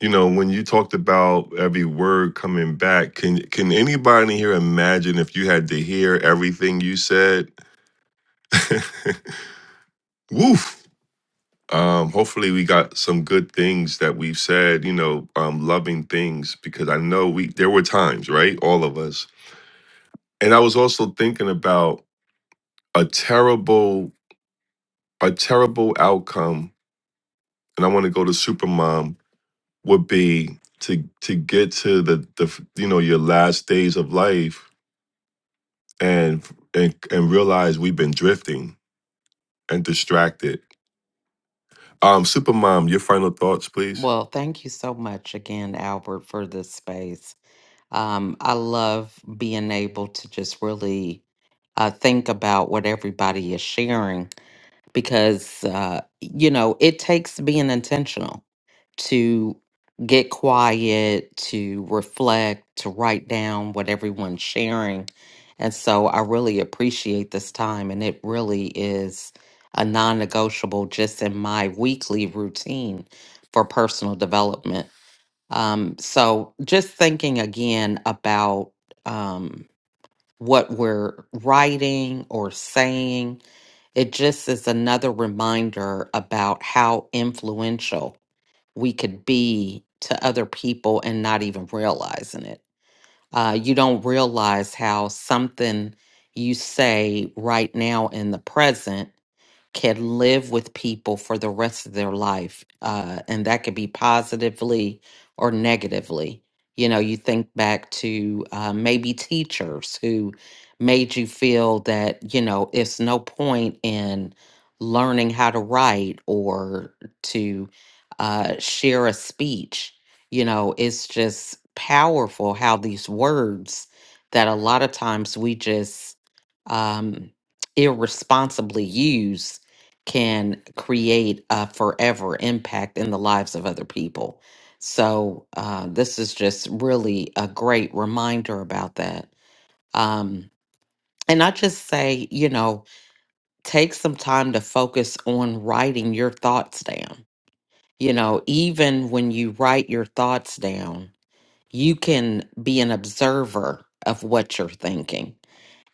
Speaker 1: you know when you talked about every word coming back can can anybody here imagine if you had to hear everything you said woof Um, hopefully, we got some good things that we've said. You know, um, loving things because I know we there were times, right? All of us, and I was also thinking about a terrible, a terrible outcome. And I want to go to Supermom would be to to get to the the you know your last days of life and and and realize we've been drifting and distracted. Um, Supermom, your final thoughts, please.
Speaker 2: Well, thank you so much again, Albert, for this space. Um, I love being able to just really uh, think about what everybody is sharing because, uh, you know, it takes being intentional. to get quiet, to reflect, to write down what everyone's sharing. And so I really appreciate this time. And it really is a non negotiable just in my weekly routine for personal development. Um, so just thinking again about um, what we're writing or saying, it just is another reminder about how influential we could be to other people and not even realizing it. Uh, you don't realize how something you say right now in the present can live with people for the rest of their life. Uh, and that could be positively or negatively. You know, you think back to uh, maybe teachers who made you feel that, you know, it's no point in learning how to write or to uh, share a speech. You know, it's just powerful how these words that a lot of times we just um, irresponsibly use can create a forever impact in the lives of other people. So, uh, this is just really a great reminder about that. Um, and I just say, you know, take some time to focus on writing your thoughts down. You know, even when you write your thoughts down, you can be an observer of what you're thinking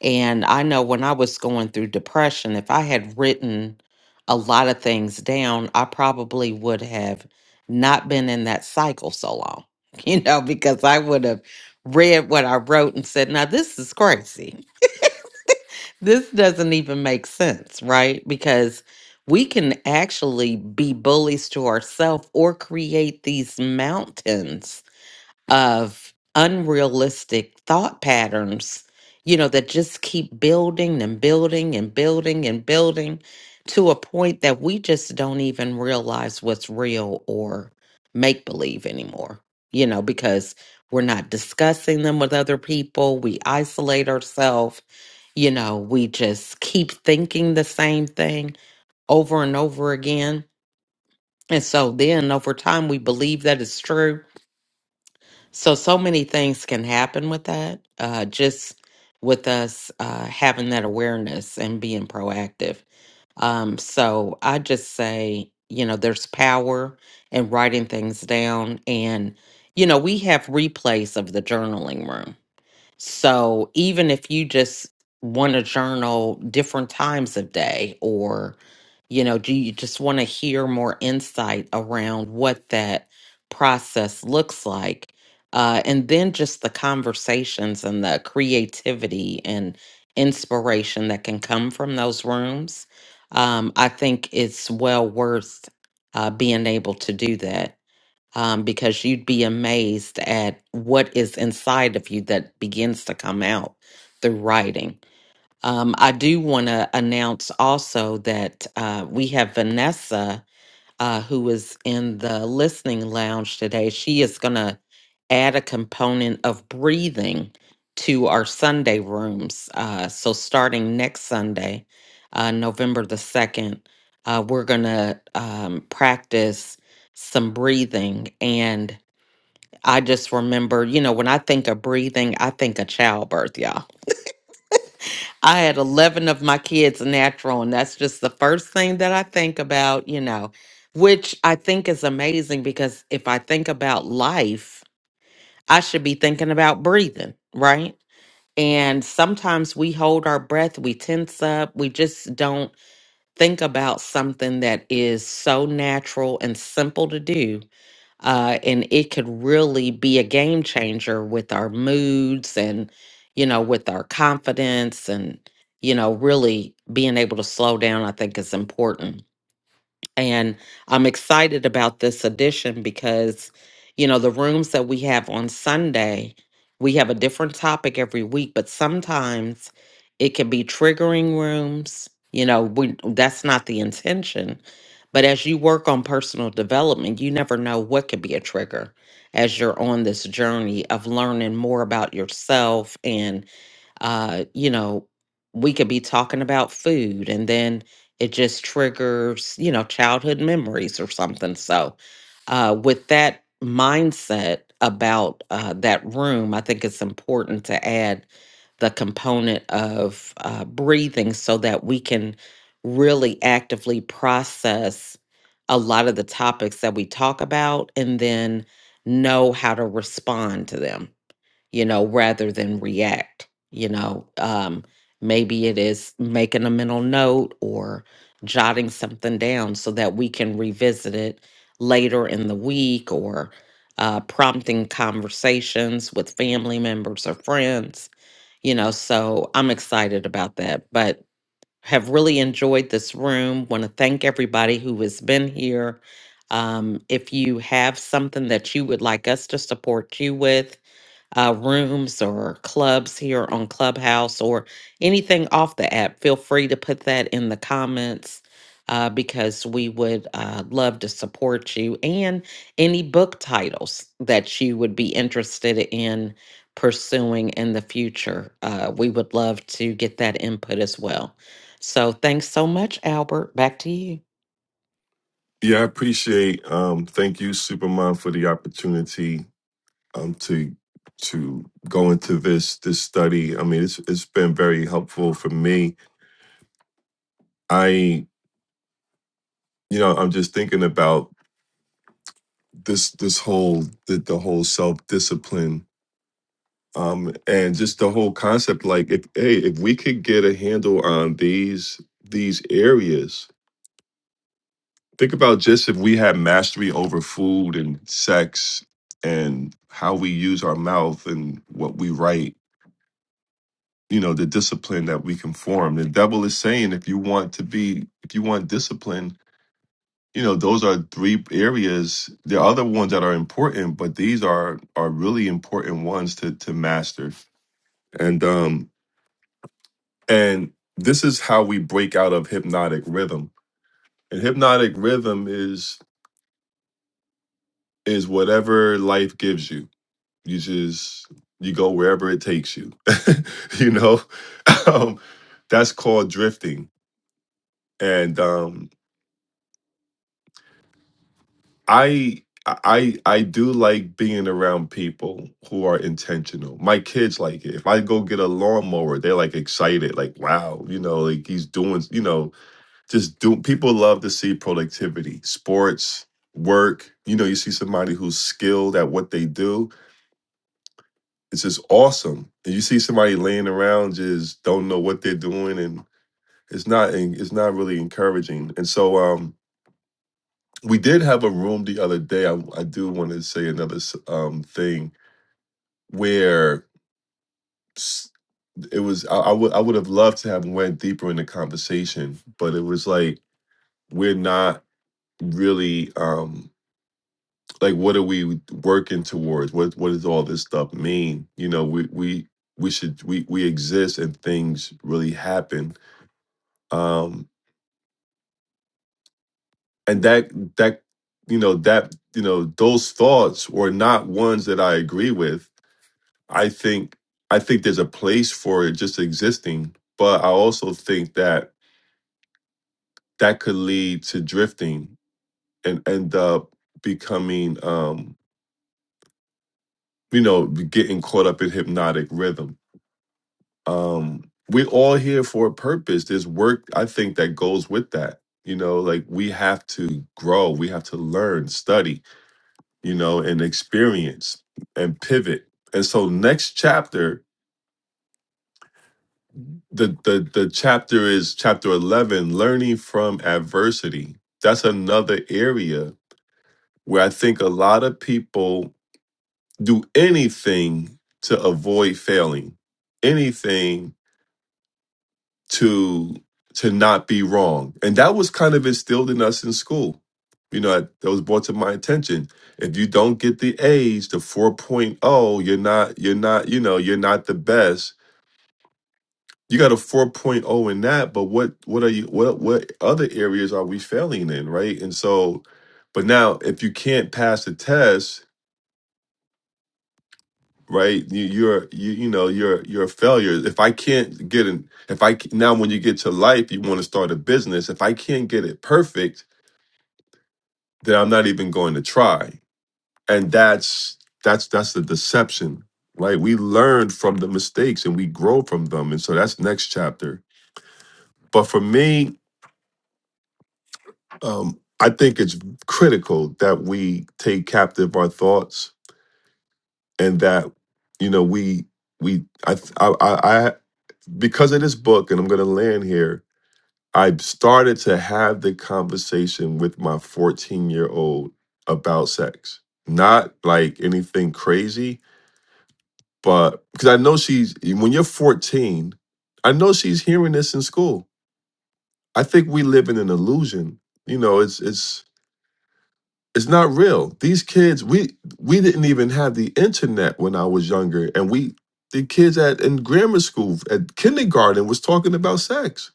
Speaker 2: and I know when I was going through depression, if I had written a lot of things down, I probably would have not been in that cycle so long, you know, because I would have read what I wrote and said, now this is crazy. This doesn't even make sense, right? Because we can actually be bullies to ourselves or create these mountains of unrealistic thought patterns, you know, that just keep building and building and building and building to a point that we just don't even realize what's real or make believe anymore, you know, because we're not discussing them with other people. We isolate ourselves, you know, we just keep thinking the same thing over and over again. And so then over time, we believe that it's true so, so many things can happen with that. Uh, just with us uh, having that awareness and being proactive. Um, so, I just say, you know, there's power in writing things down. And, you know, we have replays of the journaling room. So even if you just want to journal different times of day or you know, do you just want to hear more insight around what that process looks like? Uh, and then just the conversations and the creativity and inspiration that can come from those rooms. Um, I think it's well worth uh, being able to do that um, because you'd be amazed at what is inside of you that begins to come out through writing. Um, I do want to announce also that uh, we have Vanessa uh, who was in the listening lounge today, she is going to add a component of breathing to our Sunday rooms. Uh, so, starting next Sunday, uh, November the 2nd, uh, we're going to um, practice some breathing. And I just remember, you know, when I think of breathing, I think of childbirth, y'all. I had 11 of my kids natural, and that's just the first thing that I think about, you know, which I think is amazing because if I think about life, I should be thinking about breathing, right? And sometimes we hold our breath, we tense up, we just don't think about something that is so natural and simple to do uh, and it could really be a game changer with our moods and you know with our confidence and you know really being able to slow down i think is important and I'm excited about this edition because, you know, the rooms that we have on Sunday, we have a different topic every week, but sometimes it can be triggering rooms. You know, we, that's not the intention. But as you work on personal development, you never know what could be a trigger as you're on this journey of learning more about yourself and uh, you know, we could be talking about food and then it just triggers, you know, childhood memories or something. So, uh, with that mindset about uh, that room, I think it's important to add the component of uh, breathing so that we can really actively process a lot of the topics that we talk about and then know how to respond to them you know, rather than react. You know, um, maybe it is making a mental note or jotting something down so that we can revisit it later in the week or uh, prompting conversations with family members or friends. You know, so I'm excited about that, but have really enjoyed this room. Want to thank everybody who has been here. Um, if you have something that you would like us to support you with, uh, rooms or clubs here on Clubhouse or anything off the app, feel free to put that in the comments uh, because we would uh, love to support you and any book titles that you would be interested in pursuing in the future. Uh, we would love to get that input as well. So thanks so much, Albert. Back to you.
Speaker 1: Yeah, I appreciate. Um, thank you, Supermom, for the opportunity um, to to go into this this study. I mean, it's it's been very helpful for me. I, you know, I'm just thinking about this this whole the, the whole self discipline um, and just the whole concept. Like, if hey, if we could get a handle on these these areas, Think about just if we had mastery over food and sex and how we use our mouth and what we write, you know, the discipline that we can form. The devil is saying if you want to be, if you want discipline, you know, those are three areas. There are other ones that are important, but these are are really important ones to to master. And um and this is how we break out of hypnotic rhythm. And hypnotic rhythm is is whatever life gives you you just you go wherever it takes you you know um, that's called drifting and um i i i do like being around people who are intentional my kids like it if i go get a lawnmower they're like excited like wow you know like he's doing you know just do people love to see productivity sports work you know you see somebody who's skilled at what they do it's just awesome. And you see somebody laying around just don't know what they're doing and it's not it's not really encouraging. And so um we did have a room the other day. I, I do want to say another um thing where s- it was I, I would I would have loved to have went deeper in the conversation, but it was like we're not really um like what are we working towards? What what does all this stuff mean? You know, we we we should we we exist and things really happen um and that that you know that you know those thoughts were not ones that i agree with i think i think there's a place for it just existing but i also think that that could lead to drifting and end up becoming um you know getting caught up in hypnotic rhythm um we're all here for a purpose there's work i think that goes with that you know like we have to grow we have to learn study you know, and experience and pivot. And so next chapter, the the the chapter is chapter 11, learning from adversity. That's another area where I think a lot of people do anything to avoid failing. Anything to to not be wrong and that was kind of instilled in us in school you know that that was brought to my attention if you don't get the a's the 4.0 you're not you're not you know you're not the best you got a 4.0 in that but what what are you what what other areas are we failing in right and so but now if you can't pass the test right? You, you're you you know you're you're a failure. If I can't get an if I c- now when you get to life, you want to start a business. If I can't get it perfect, then I'm not even going to try. And that's that's that's the deception, right? We learn from the mistakes and we grow from them, and so that's next chapter. But for me, um, I think it's critical that we take captive our thoughts and that you know we we I I I I- because of this book, and I'm going to land here I started to have the conversation with my 14 year old about sex. Not like anything crazy, but because I know she's, when you're 14, I know she's hearing this in school. I think we live in an illusion. You know, it's, it's, it's not real. These kids, we we didn't even have the internet when I was younger, and we the kids at in grammar school at kindergarten was talking about sex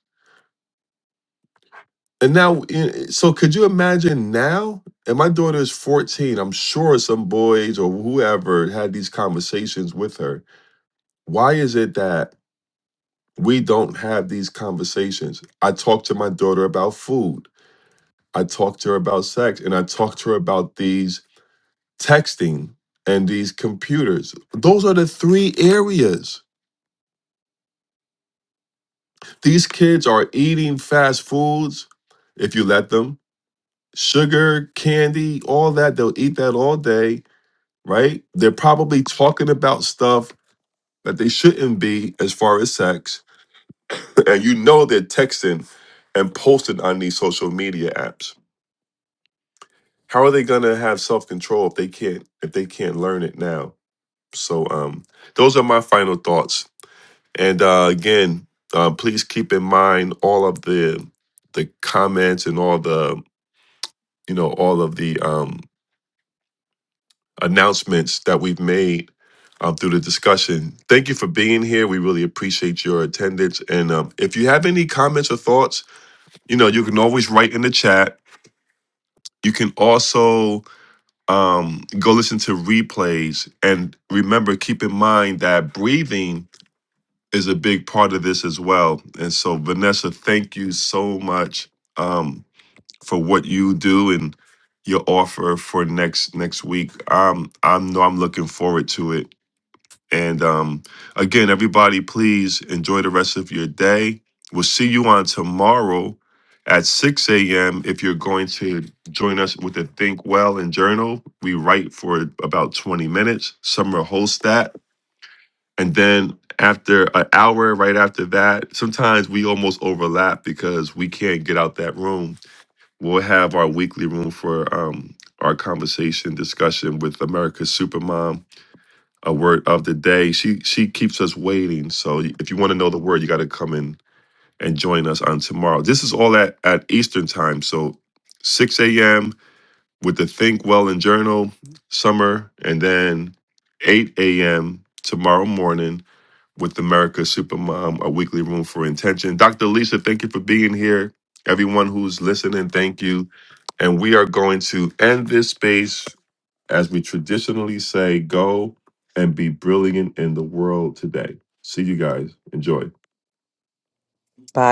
Speaker 1: And now, i- so could you imagine now? And my daughter is 14. I'm sure some boys or whoever had these conversations with her. Why is it that we don't have these conversations? I talk to my daughter about food, I talk to her about sex, and I talk to her about these texting and these computers. Those are the three areas. These kids are eating fast foods, if you let them, sugar, candy, all that. They'll eat that all day right? They're probably talking about stuff that they shouldn't be as far as sex. And you know they're texting and posting on these social media apps. How are they gonna have self-control if they can't if they can't learn it now? So um those are my final thoughts. And uh again, uh, please keep in mind all of the the comments and all the you know all of the um announcements that we've made um, through the discussion. Thank you for being here. We really appreciate your attendance. And um, if you have any comments or thoughts, you know, you can always write in the chat. You can also um, go listen to replays. And remember, keep in mind that breathing is a big part of this as well. And so, Vanessa, thank you so much um, for what you do and your offer for next next week. Um, I know I'm looking forward to it And um, again, everybody, please enjoy the rest of your day. We'll see you on tomorrow at 6 a.m. If you're going to join us with the Think Well and Journal, we write for about 20 minutes. Summer hosts that. And then after an hour, right after that, sometimes we almost overlap because we can't get out that room. We'll have our weekly room for um, our conversation discussion with America's Supermom a word of the day. She she keeps us waiting. So if you want to know the word, you got to come in and join us on tomorrow. This is all at at Eastern time. So 6 a.m. with the Think Well and Journal summer, and then 8 a.m. tomorrow morning with America Supermom, a weekly room for intention. Dr. Lisa, thank you for being here. Everyone who's listening, thank you. And we are going to end this space as we traditionally say, go and be brilliant in the world today. See you guys. Enjoy.
Speaker 2: Bye.